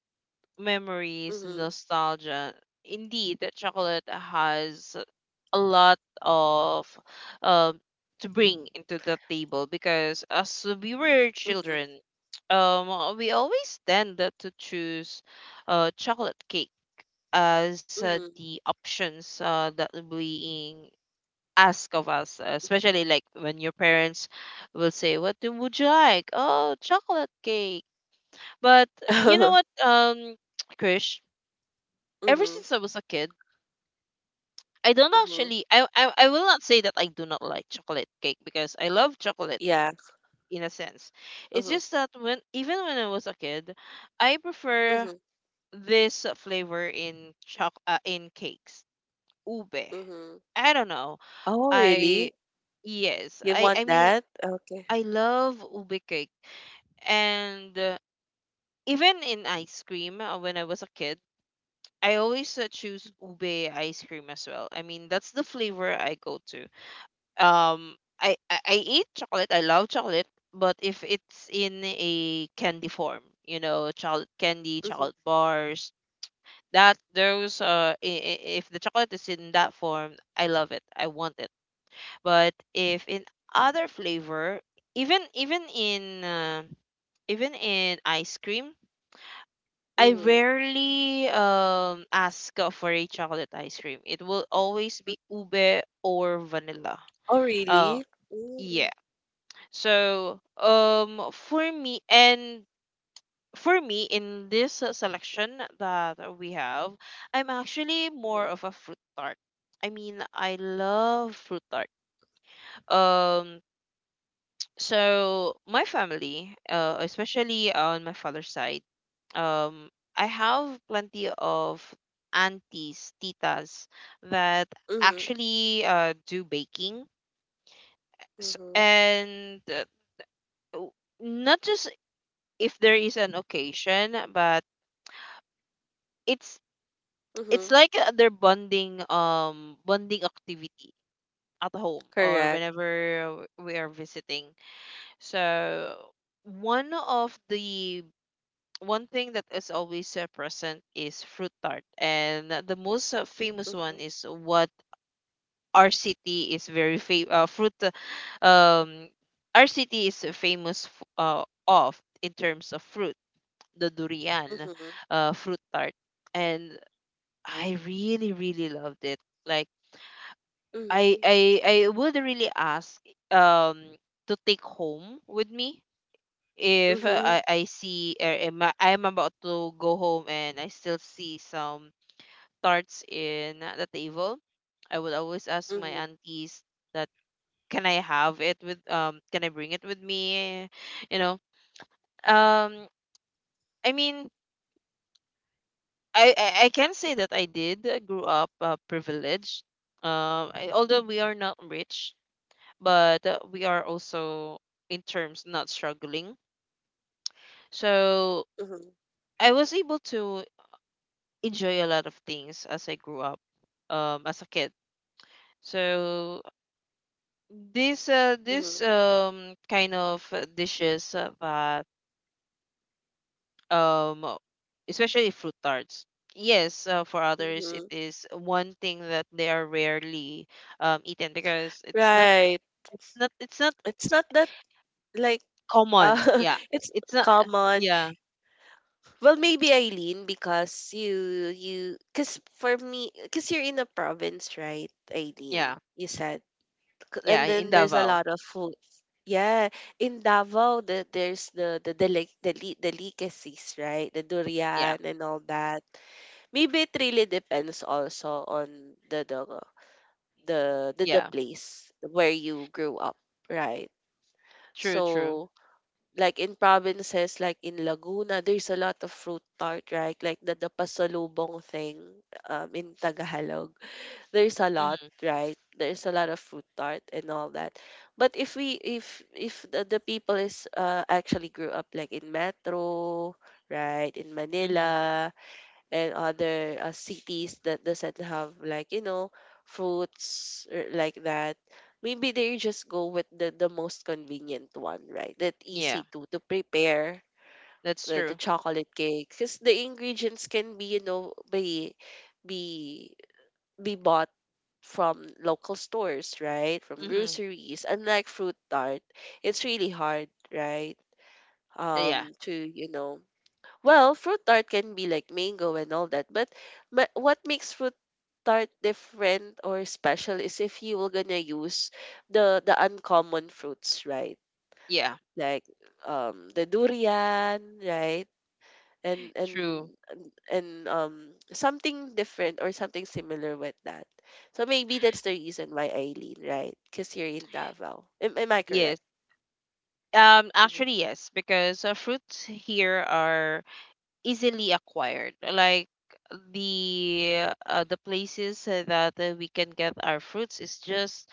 S1: memories and
S2: mhm,
S1: nostalgia, indeed, that chocolate has a lot of um to bring into the table, because as we were
S2: mhm,
S1: children, um, we always tend to choose uh chocolate cake as uh,
S2: mhm.
S1: the options uh, that being ask of us, uh, especially like when your parents will say, "What do, would you like?" Oh, chocolate cake. But you know what, um, Krish, ever
S2: Mhm,
S1: since I was a kid, I don't
S2: mhm.
S1: actually, I, I, I will not say that I do not like chocolate cake, because I love chocolate
S2: Yeah.
S1: in a sense. It's
S2: Mhm,
S1: just that when, even when I was a kid, I prefer
S2: mhm,
S1: this uh, flavor in choc, uh, in cakes, ube.
S2: mhm.
S1: I don't know.
S2: Oh, really?
S1: I, yes,
S2: You
S1: I, I
S2: want
S1: mean,
S2: that? Okay.
S1: I love ube cake. And uh, even in ice cream, uh, when I was a kid, I always uh, choose ube ice cream as well. I mean, that's the flavor I go to. Um, I, I, I eat chocolate. I love chocolate, but if it's in a candy form, you know, chocolate candy,
S2: Mhm,
S1: chocolate bars, that those uh, I- I- if the chocolate is in that form, I love it. I want it. But if in other flavor, even even in uh, even in ice cream, I
S2: mhm,
S1: rarely um ask uh, for a chocolate ice cream. It will always
S2: mhm.
S1: be ube or vanilla.
S2: Oh,
S1: Uh
S2: really?
S1: yeah. So um for me, and for me in this uh, selection that we have, I'm actually more of a fruit tart. I mean, I love fruit tart. Um, so my family, uh, especially on my father's side, um I have plenty of aunties, titas that
S2: Mm-hmm.
S1: actually uh, do baking, S
S2: Mhm.
S1: and uh, w- not just if there is an occasion, but it's it's
S2: Mhm.
S1: like uh, their bonding um bonding activity at home or
S2: Correct.
S1: whenever we are visiting. So one of the one thing that is always uh, present is fruit tart. And uh, the most uh, famous one
S2: Mhm.
S1: is what our city is very fam- uh, fruit. Uh, Um, our city is famous f- uh, of in terms of fruit, the durian,
S2: Mhm.
S1: uh, fruit tart, and I really really loved it. Like I
S2: Mhm.
S1: I I would really ask um to take home with me. If uh,
S2: Mhm.
S1: I, I see, or am I- I'm about to go home and I still see some tarts in the table, I would always ask my
S2: Mhm.
S1: aunties that can I have it with um can I bring it with me? You know. Um, I mean, I I, I can say that I did uh, grew up uh, privileged. Um I, although we are not rich, but uh, we are also in terms not struggling. So
S2: Mhm.
S1: I was able to enjoy a lot of things as I grew up, um, as a kid. So this uh,
S2: Mhm.
S1: this um kind of uh, dishes uh, that um especially fruit tarts. Yes, uh, for others it
S2: Mhm.
S1: is one thing that they are rarely um eaten because it's not
S2: Right.
S1: it's not it's not
S2: It's not that like
S1: common.
S2: uh
S1: Yeah,
S2: it's
S1: it's not.
S2: common.
S1: Yeah,
S2: Well, maybe Eileen because you you cuz for me cuz you're in a province, right,
S1: yeah,
S2: Eileen? You said. C-
S1: yeah.
S2: And
S1: In
S2: then there's a
S1: Davao.
S2: lot of food. Yeah, in Davao the, there's the the the like the, the delicacies, right? The
S1: Yeah,
S2: durian and all that. Maybe it really depends also on the the the the, the
S1: yeah.
S2: place where you grew up, right?
S1: True, true.
S2: So like in provinces like in Laguna, there's a lot of fruit tart, right? Like the the pasalubong thing um, in Tagalog. There's a lot,
S1: Mm-hmm,
S2: right? There's a lot of fruit tart and all that. But if we if if the, the people is uh, actually grew up like in Metro, right? In
S1: mm-hmm.
S2: Manila, and other uh, cities that doesn't have like you know fruits or like that maybe they just go with the, the most convenient one, right, that
S1: Yeah,
S2: easy to to prepare
S1: that's
S2: the,
S1: true.
S2: the chocolate cake because the ingredients can be you know be be be bought from local stores, right, from
S1: Mm-hmm.
S2: groceries, unlike fruit tart. It's really hard, right,
S1: Yeah,
S2: um to you know well, fruit tart can be like mango and all that, but, but what makes fruit tart different or special is if you were gonna use the the uncommon fruits, right?
S1: yeah.
S2: Like um the durian, right? And
S1: True.
S2: and and and, um something different or something similar with that. So maybe that's the reason why Eileen, right? Because you're in Davao. Am, am I
S1: Yes.
S2: correct?
S1: Um,
S2: Mm-hmm.
S1: actually, yes, because uh, fruits here are easily acquired. Like the uh, the places uh, that uh, we can get our fruits is just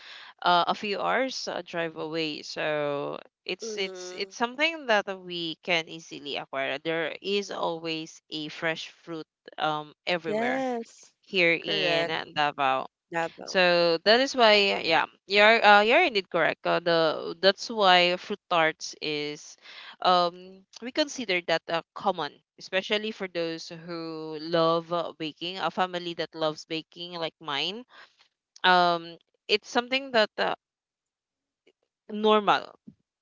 S1: uh, a few hours uh, drive away. So it's it's
S2: Mm.
S1: it's something that we can easily acquire. There is always a fresh fruit um everywhere
S2: Yes,
S1: here in
S2: correct.
S1: Davao.
S2: Davao.
S1: So that is why, yeah, you're uh, you're indeed correct. Uh, the that's why fruit tarts is, um, we consider that uh, common, especially for those who love uh, baking. A family that loves baking, like mine, um, it's something that uh, normal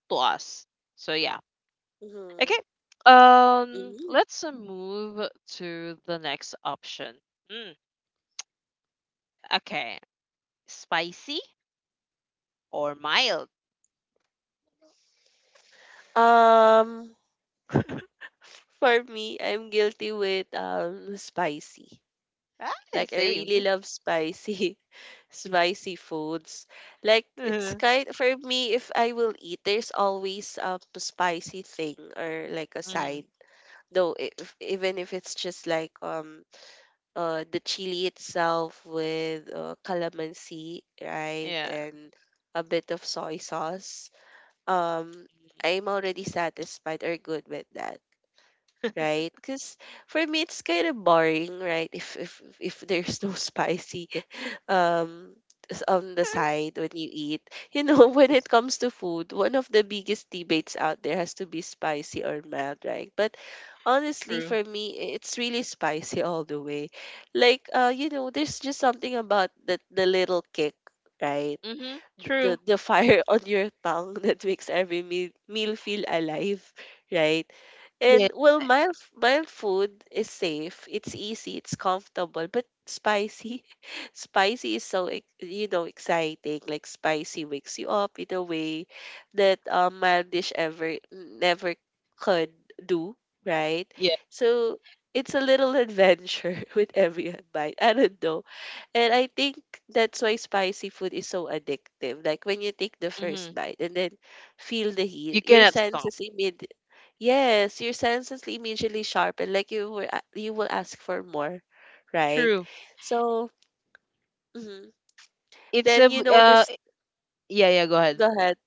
S1: to us. So yeah,
S2: Mm-hmm.
S1: okay. Um,
S2: Mm-hmm.
S1: let's uh, move to the next option. Mm, okay, spicy or mild?
S2: Um, for me, I'm guilty with um spicy.
S1: Ah,
S2: Like I really
S1: same.
S2: love spicy, spicy foods. Like it's kind for me. If I will eat, there's always um, a spicy thing or like a side.
S1: Mm-hmm.
S2: Though if, even if it's just like um uh the chili itself with uh, calamansi, right,
S1: Yeah.
S2: and a bit of soy sauce. Um, I'm already satisfied or good with that. Right? Because for me, it's kind of boring, right? If if if there's no spicy um s- on the
S1: Mhm.
S2: side when you eat, you know, when it comes to food, one of the biggest debates out there has to be spicy or mild, right? But honestly,
S1: True.
S2: for me, i- it's really spicy all the way. Like, uh, you know, there's just something about the the little kick. Right,
S1: Mm-hmm.
S2: th- the
S1: True.
S2: the fire on your tongue that makes every meal, meal feel alive, right?
S1: Yeah,
S2: And well, mild mild food is safe. It's easy. It's comfortable. But spicy, spicy is so ex- you know exciting. Like spicy wakes you up in a way that um, mild dish ever never could do, right?
S1: yeah.
S2: So it's a little adventure with every bite. I don't know and I think that's why spicy food is so addictive. Like when you take the
S1: Mm-hmm.
S2: first bite and then feel the
S1: You
S2: heat, your
S1: cannot stop.
S2: senses immediately yes, your senses immediately sharpen. Like you were a- you will ask for more, right?
S1: True.
S2: So mhm.
S1: It's
S2: Then
S1: a
S2: you
S1: b- uh
S2: notice.
S1: yeah, yeah, go ahead.
S2: Go ahead.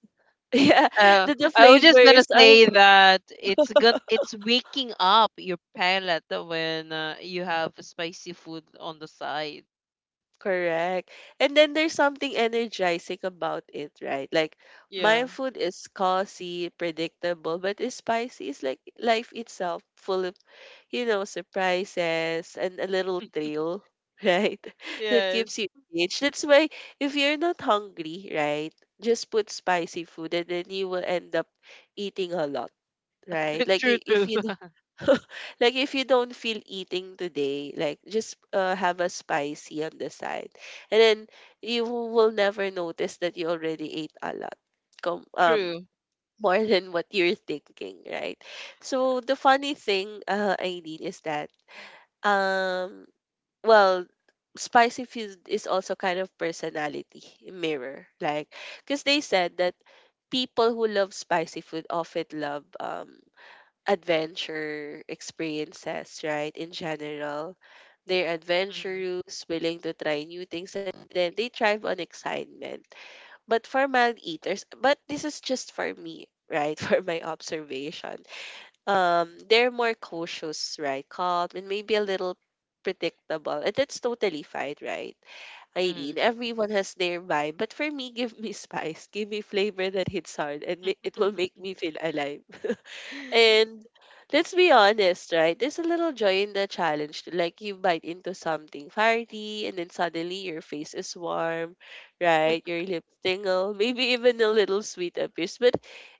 S2: Yeah,
S1: Uh
S2: that the
S1: I was just gonna
S2: flavors are
S1: say that it's gonna it's waking up your palate when uh, you have spicy food on the side.
S2: correct, and then there's something energizing about it, right? Like
S1: Yeah.
S2: my food is cozy, predictable, but is spicy is like life itself, full of you know, surprises and a little thrill, right? That
S1: Yes.
S2: keeps you engaged. That's why if you're not hungry, right, just put spicy food and then you will end up eating a lot, right? Like
S1: True,
S2: i- if
S1: true.
S2: you don't- like if you don't feel eating today, like just uh, have a spicy on the side. And then you will never notice that you already ate a lot. Com- um
S1: True.
S2: more than what you're thinking, right? So the funny thing, uh, Aileen, is that um, well, spicy food is also kind of personality mirror, like because they said that people who love spicy food often love um adventure experiences, right? In general, they're
S1: Mm-hmm.
S2: adventurous, willing to try new things, and then they thrive on excitement. But for mild eaters, but this is just for me, right? For my observation um they're more cautious, right? Calm and maybe a little predictable. And that's totally fine, right?
S1: Mm-hmm.
S2: Eileen, everyone has their vibe. But for me, give me spice, give me flavor that hits hard, and ma- it will make me feel alive. And let's be honest, right? There's a little joy in the challenge. to- Like you bite into something hearty and then suddenly your face is warm, right? Your lips tingle, maybe even a little sweet appears. But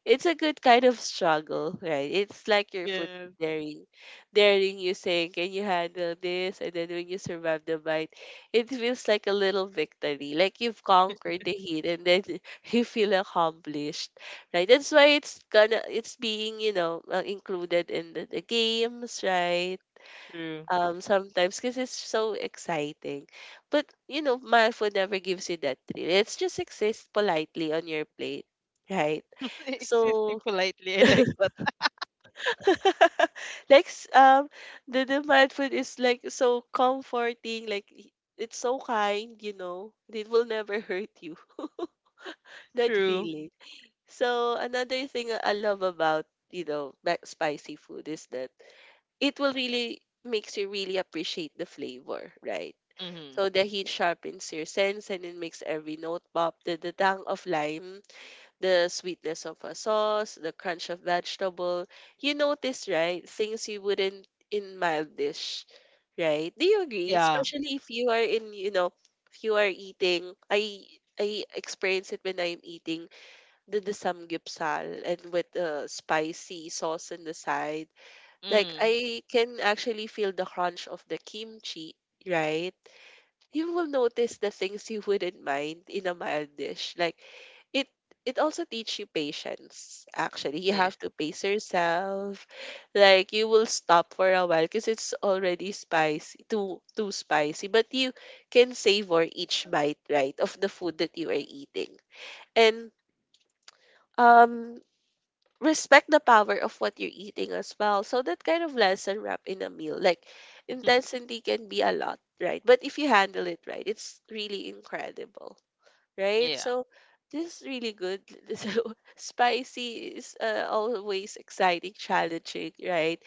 S2: it's a good kind of struggle, right? It's like your food
S1: Yes,
S2: daring daring you saying, can you handle this? And then when you survive the bite, it feels like a little victory. Like you've conquered the heat and then you feel accomplished, right? That's why it's gonna it's being you know uh, included in the, the games, right?
S1: true.
S2: Um, sometimes because it's so exciting, but you know, Malfoy never gives you that thrill. It's just exists politely on your plate, right? So
S1: Existing politely, I like that.
S2: like s- um the the mindful is like so comforting like y- it's so kind you know it will never hurt you that
S1: True.
S2: feeling. So another thing I love about, you know, mac spicy food is that it will really makes you really appreciate the flavor, right?
S1: Mm-hmm.
S2: So the heat sharpens your sense and it makes every note pop. The, the tang of lime, the sweetness of a sauce, the crunch of vegetable. You notice, right? Things you wouldn't in mild dish, right? Do you agree?
S1: Yeah.
S2: Especially if you are in, you know, if you are eating, I I experience it when I'm eating the samgyeopsal and with the spicy sauce in the side. Like
S1: Mm,
S2: I can actually feel the crunch of the kimchi, right? You will notice the things you wouldn't mind in a mild dish. Like it it also teaches you patience actually. You
S1: yeah.
S2: have to pace yourself. Like you will stop for a while because it's already spicy, too too spicy, but you can savor each bite, right, of the food that you are eating. And um respect the power of what you're eating as well. So that kind of lesson wrapped in a meal, like intensity can be a lot, right? But if you handle it right, it's really incredible, right?
S1: Yeah,
S2: So this is really good. So spicy is uh, always exciting, challenging, right?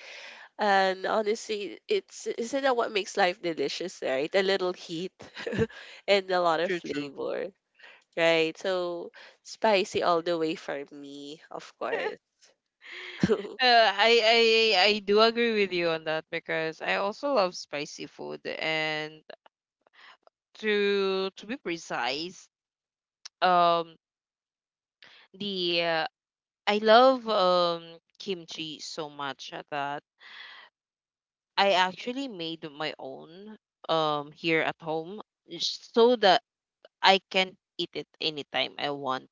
S2: And honestly, it's isn't that what makes life delicious, right? A little heat and a lot of
S1: true, true.
S2: flavor, right? So spicy all the way for me, of course.
S1: Uh, I, I I do agree with you on that because I also love spicy food and to to be precise, um the uh, I love um kimchi so much that I actually made my own um here at home j- so that I can eat it anytime I want.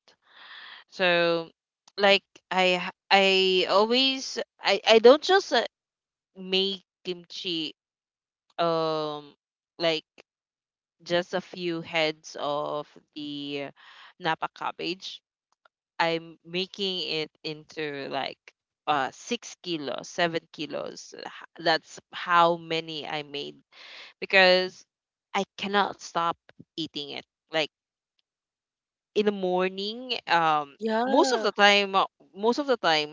S1: So like I h- I always I I don't just uh, make kimchi um like just a few heads of the napa cabbage. I'm making it into like uh six kilos, seven kilos. H- That's how many I made because I cannot stop eating it. Like in the morning um most of the
S2: Yeah.
S1: time uh, most of the time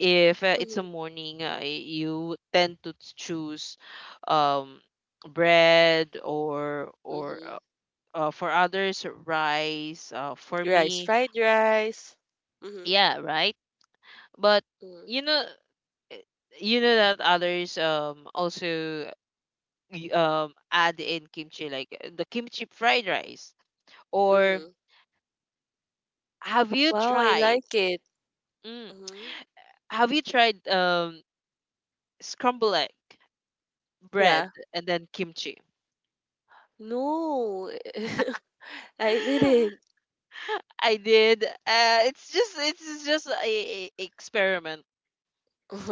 S1: if uh, it's a
S2: Mhm,
S1: morning, uh, you tend to choose um bread or or
S2: mhm.
S1: uh, uh, for others rice, uh, for
S2: Rice,
S1: me,
S2: fried rice. Mhm,
S1: yeah, right. But
S2: mhm,
S1: you know, you know that others um also y- um add in kimchi like uh, the kimchi fried rice or
S2: mhm.
S1: have you
S2: Wow, I
S1: tried,
S2: like it.
S1: mm,
S2: Mhm.
S1: have you tried um scrambled egg, bread,
S2: Yeah.
S1: and then kimchi.
S2: No, I didn't.
S1: I did. Uh, it's just it's just a, a experiment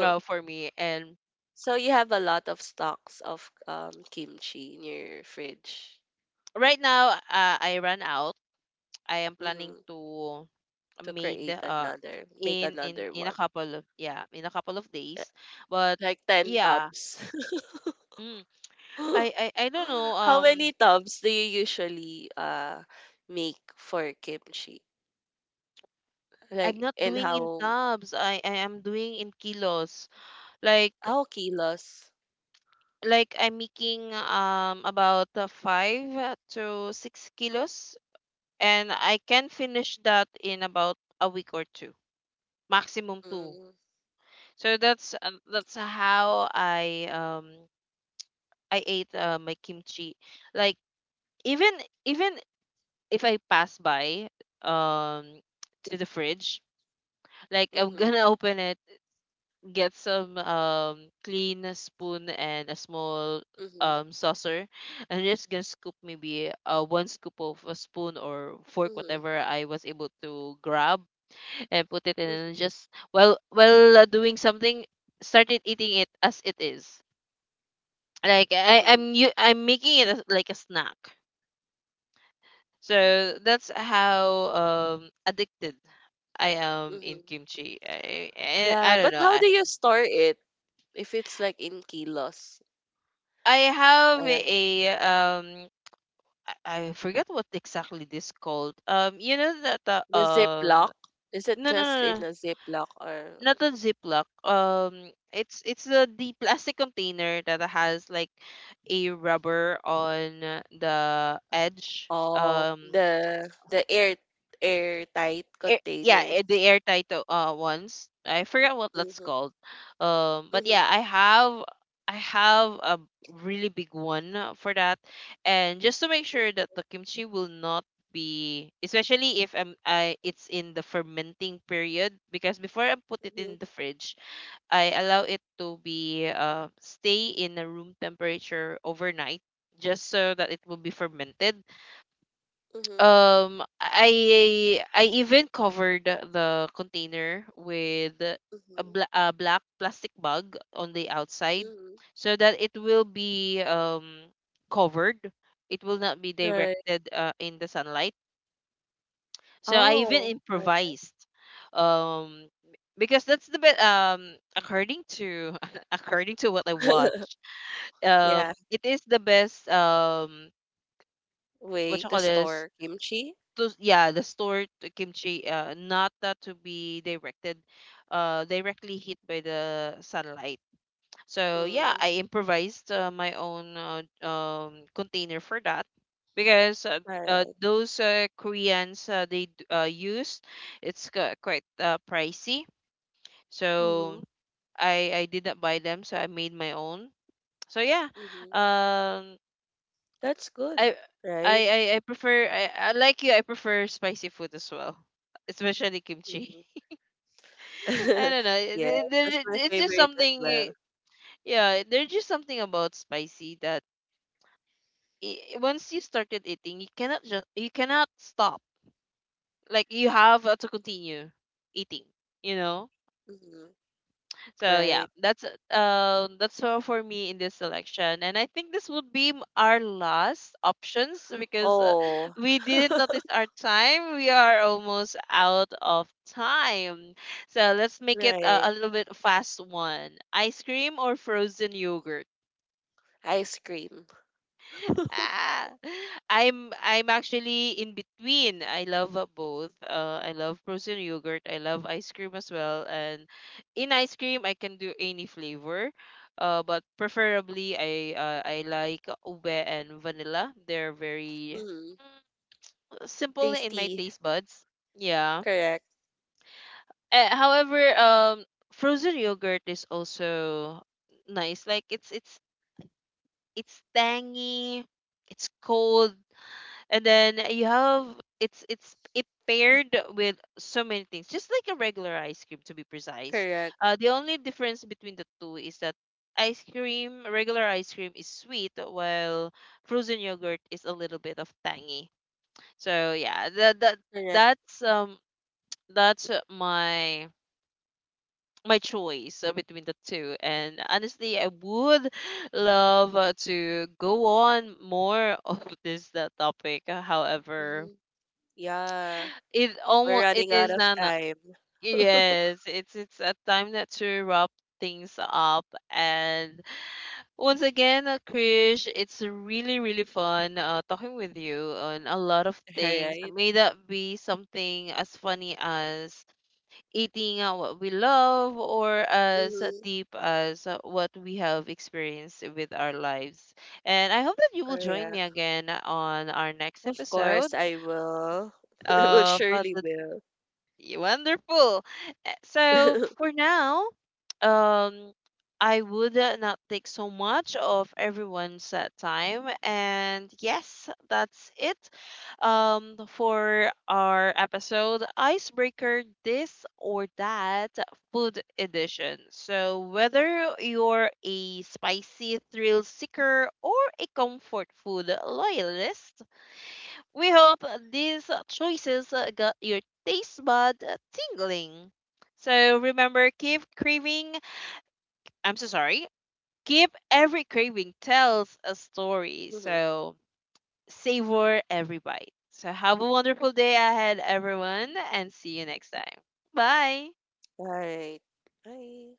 S1: uh, for me. And
S2: So you have a lot of stocks of um kimchi in your fridge.
S1: right now, uh, I ran out. I am planning
S2: Mhm.
S1: to
S2: To
S1: made
S2: create
S1: uh,
S2: another, make
S1: in in
S2: another
S1: in a
S2: one.
S1: couple of yeah in a couple of days,
S2: Eh,
S1: but
S2: like ten
S1: yeah,
S2: tubs.
S1: mm, I, I I don't know.
S2: How many
S1: Um,
S2: tubs do you usually uh make for kimchi?
S1: I'm
S2: Like
S1: not
S2: and
S1: doing in
S2: how
S1: tubs. I I am doing in kilos. Like
S2: ah, oh, kilos.
S1: like I'm making um about uh, five to six kilos, and I can finish that in about a week or two, maximum two.
S2: Mm,
S1: So that's um, that's how I um I ate uh, my kimchi. Like even even if I pass by um to the fridge, like I'm
S2: mhm,
S1: gonna open it, get some um clean spoon and a small
S2: mhm,
S1: um saucer, and just gonna scoop maybe uh one scoop of a spoon or fork,
S2: mhm,
S1: whatever I was able to grab, and put it in and
S2: mhm,
S1: just while while uh, doing something, started eating it as it is, like I
S2: mhm,
S1: I'm you I'm making it as like a snack. So that's how um addicted I am in
S2: mhm.
S1: kimchi. I I,
S2: Yeah,
S1: I don't
S2: but
S1: know.
S2: how
S1: I
S2: do you store it if it's like in kilos?
S1: I have
S2: Uh,
S1: a um I, I forget what exactly this called. Um, you know that the
S2: the
S1: um
S2: Ziploc? Is it
S1: no no
S2: just
S1: no
S2: in
S1: no
S2: a Ziploc or
S1: not a Ziploc. Um, it's it's the the plastic container that has like a rubber on the edge.
S2: oh
S1: Um,
S2: the the air airtight
S1: air, yeah,
S2: containers?
S1: eh, the airtight tight uh ones. I forgot what that's
S2: Mhm,
S1: called. Um, but
S2: mhm,
S1: yeah, I have I have a really big one uh, for that, and just to make sure that the kimchi will not be, especially if um I it's in the fermenting period, because before I put it in
S2: mhm,
S1: the fridge, I allow it to be uh stay in a room temperature overnight, just so that it will be fermented.
S2: mhm,
S1: Um I I even covered the container with a,
S2: mhm,
S1: bla- a black plastic bag on the outside
S2: mhm.
S1: so that it will be um covered. It will not be
S2: Right.
S1: directed uh, in the sunlight. So I even
S2: Oh,
S1: improvised, um because that's the best, um according to according to what I watched, um
S2: yeah.
S1: it is the best. Um what
S2: Way
S1: you
S2: to
S1: call this
S2: store kimchi.
S1: to yeah, the store to kimchi, uh, not that to be directed uh directly hit by the sunlight. So yeah, I
S2: Mm,
S1: improvised uh, my own uh, um container for that, because uh, uh, those uh, koreans, uh, they d- uh, use, it's ca- quite uh, pricey, so
S2: mm-hmm.
S1: I i did not buy them, so I made my own. So yeah,
S2: Mm-hmm.
S1: um
S2: That's good,
S1: I I
S2: right?
S1: I I prefer, I, I like you. I prefer spicy food as well, especially kimchi.
S2: Mm-hmm.
S1: I don't know. it-
S2: Yes,
S1: it-
S2: that's
S1: there-
S2: my
S1: It's just
S2: favorite as
S1: something. eh,
S2: well.
S1: Yeah, there's just something about spicy that i- once you started eating, you cannot just you cannot stop. Like you have uh, to continue eating. You know.
S2: Mm-hmm.
S1: So yeah,
S2: Right.
S1: that's uh, that's all for me in this selection, and I think this would be m- our last options, because uh,
S2: Oh,
S1: we didn't notice our time. We are almost out of time, so let's make it uh,
S2: right.
S1: a little bit fast one. Ice cream or frozen yogurt?
S2: Ice cream.
S1: Ah, I'm I'm actually in between. I love uh, both. Uh, I love frozen yogurt. I love ice cream as well. And in ice cream, I can do any flavor. Uh, but preferably, I uh, I like ube and vanilla. They're very,
S2: Mm-hmm.
S1: mm, simple in my
S2: Tasty.
S1: taste buds. Yeah.
S2: Correct.
S1: Uh, however, um, frozen yogurt is also nice. Like it's it's it's tangy. It's cold, and then you have it's it's it paired with so many things, just like a regular ice cream. To be precise,
S2: Correct.
S1: uh, the only difference between the two is that ice cream regular ice cream is sweet, while frozen yogurt is a little bit of tangy. So yeah, that, that
S2: Correct.
S1: that's um that's uh, my my choice uh, between the two. And honestly, I would love uh, to go on more of this uh, topic. Uh, however,
S2: Mm-hmm. Yeah.
S1: it
S2: We're
S1: almost it
S2: running out
S1: is
S2: of
S1: an
S2: time.
S1: yes, it's it's a time that to wrap things up. And once again, uh, Krish, it's really really fun uh, talking with you on a lot of things,
S2: Alright.
S1: may that be something as funny as eating uh, what we love, or as
S2: Mm-hmm.
S1: deep as uh, what we have experienced with our lives. And I hope that you will join me
S2: Correct.
S1: again on our next
S2: Of
S1: episode
S2: course, I will. I will
S1: of uh,
S2: surely
S1: the
S2: will.
S1: Wonderful. So
S2: Mm-hmm.
S1: for now, um, I would uh, not take so much of everyone's uh, time. And yes, that's it um, for our episode Icebreaker This or That Food Edition. So, whether you're a spicy thrill seeker or a comfort food loyalist, we hope uh, these uh, choices uh, got your taste bud uh, tingling. So remember, keep craving. I'm so sorry. Keep, every craving tells a story. So savor every bite. So have a wonderful day ahead, everyone, and see you next time. Bye.
S2: All right. Bye.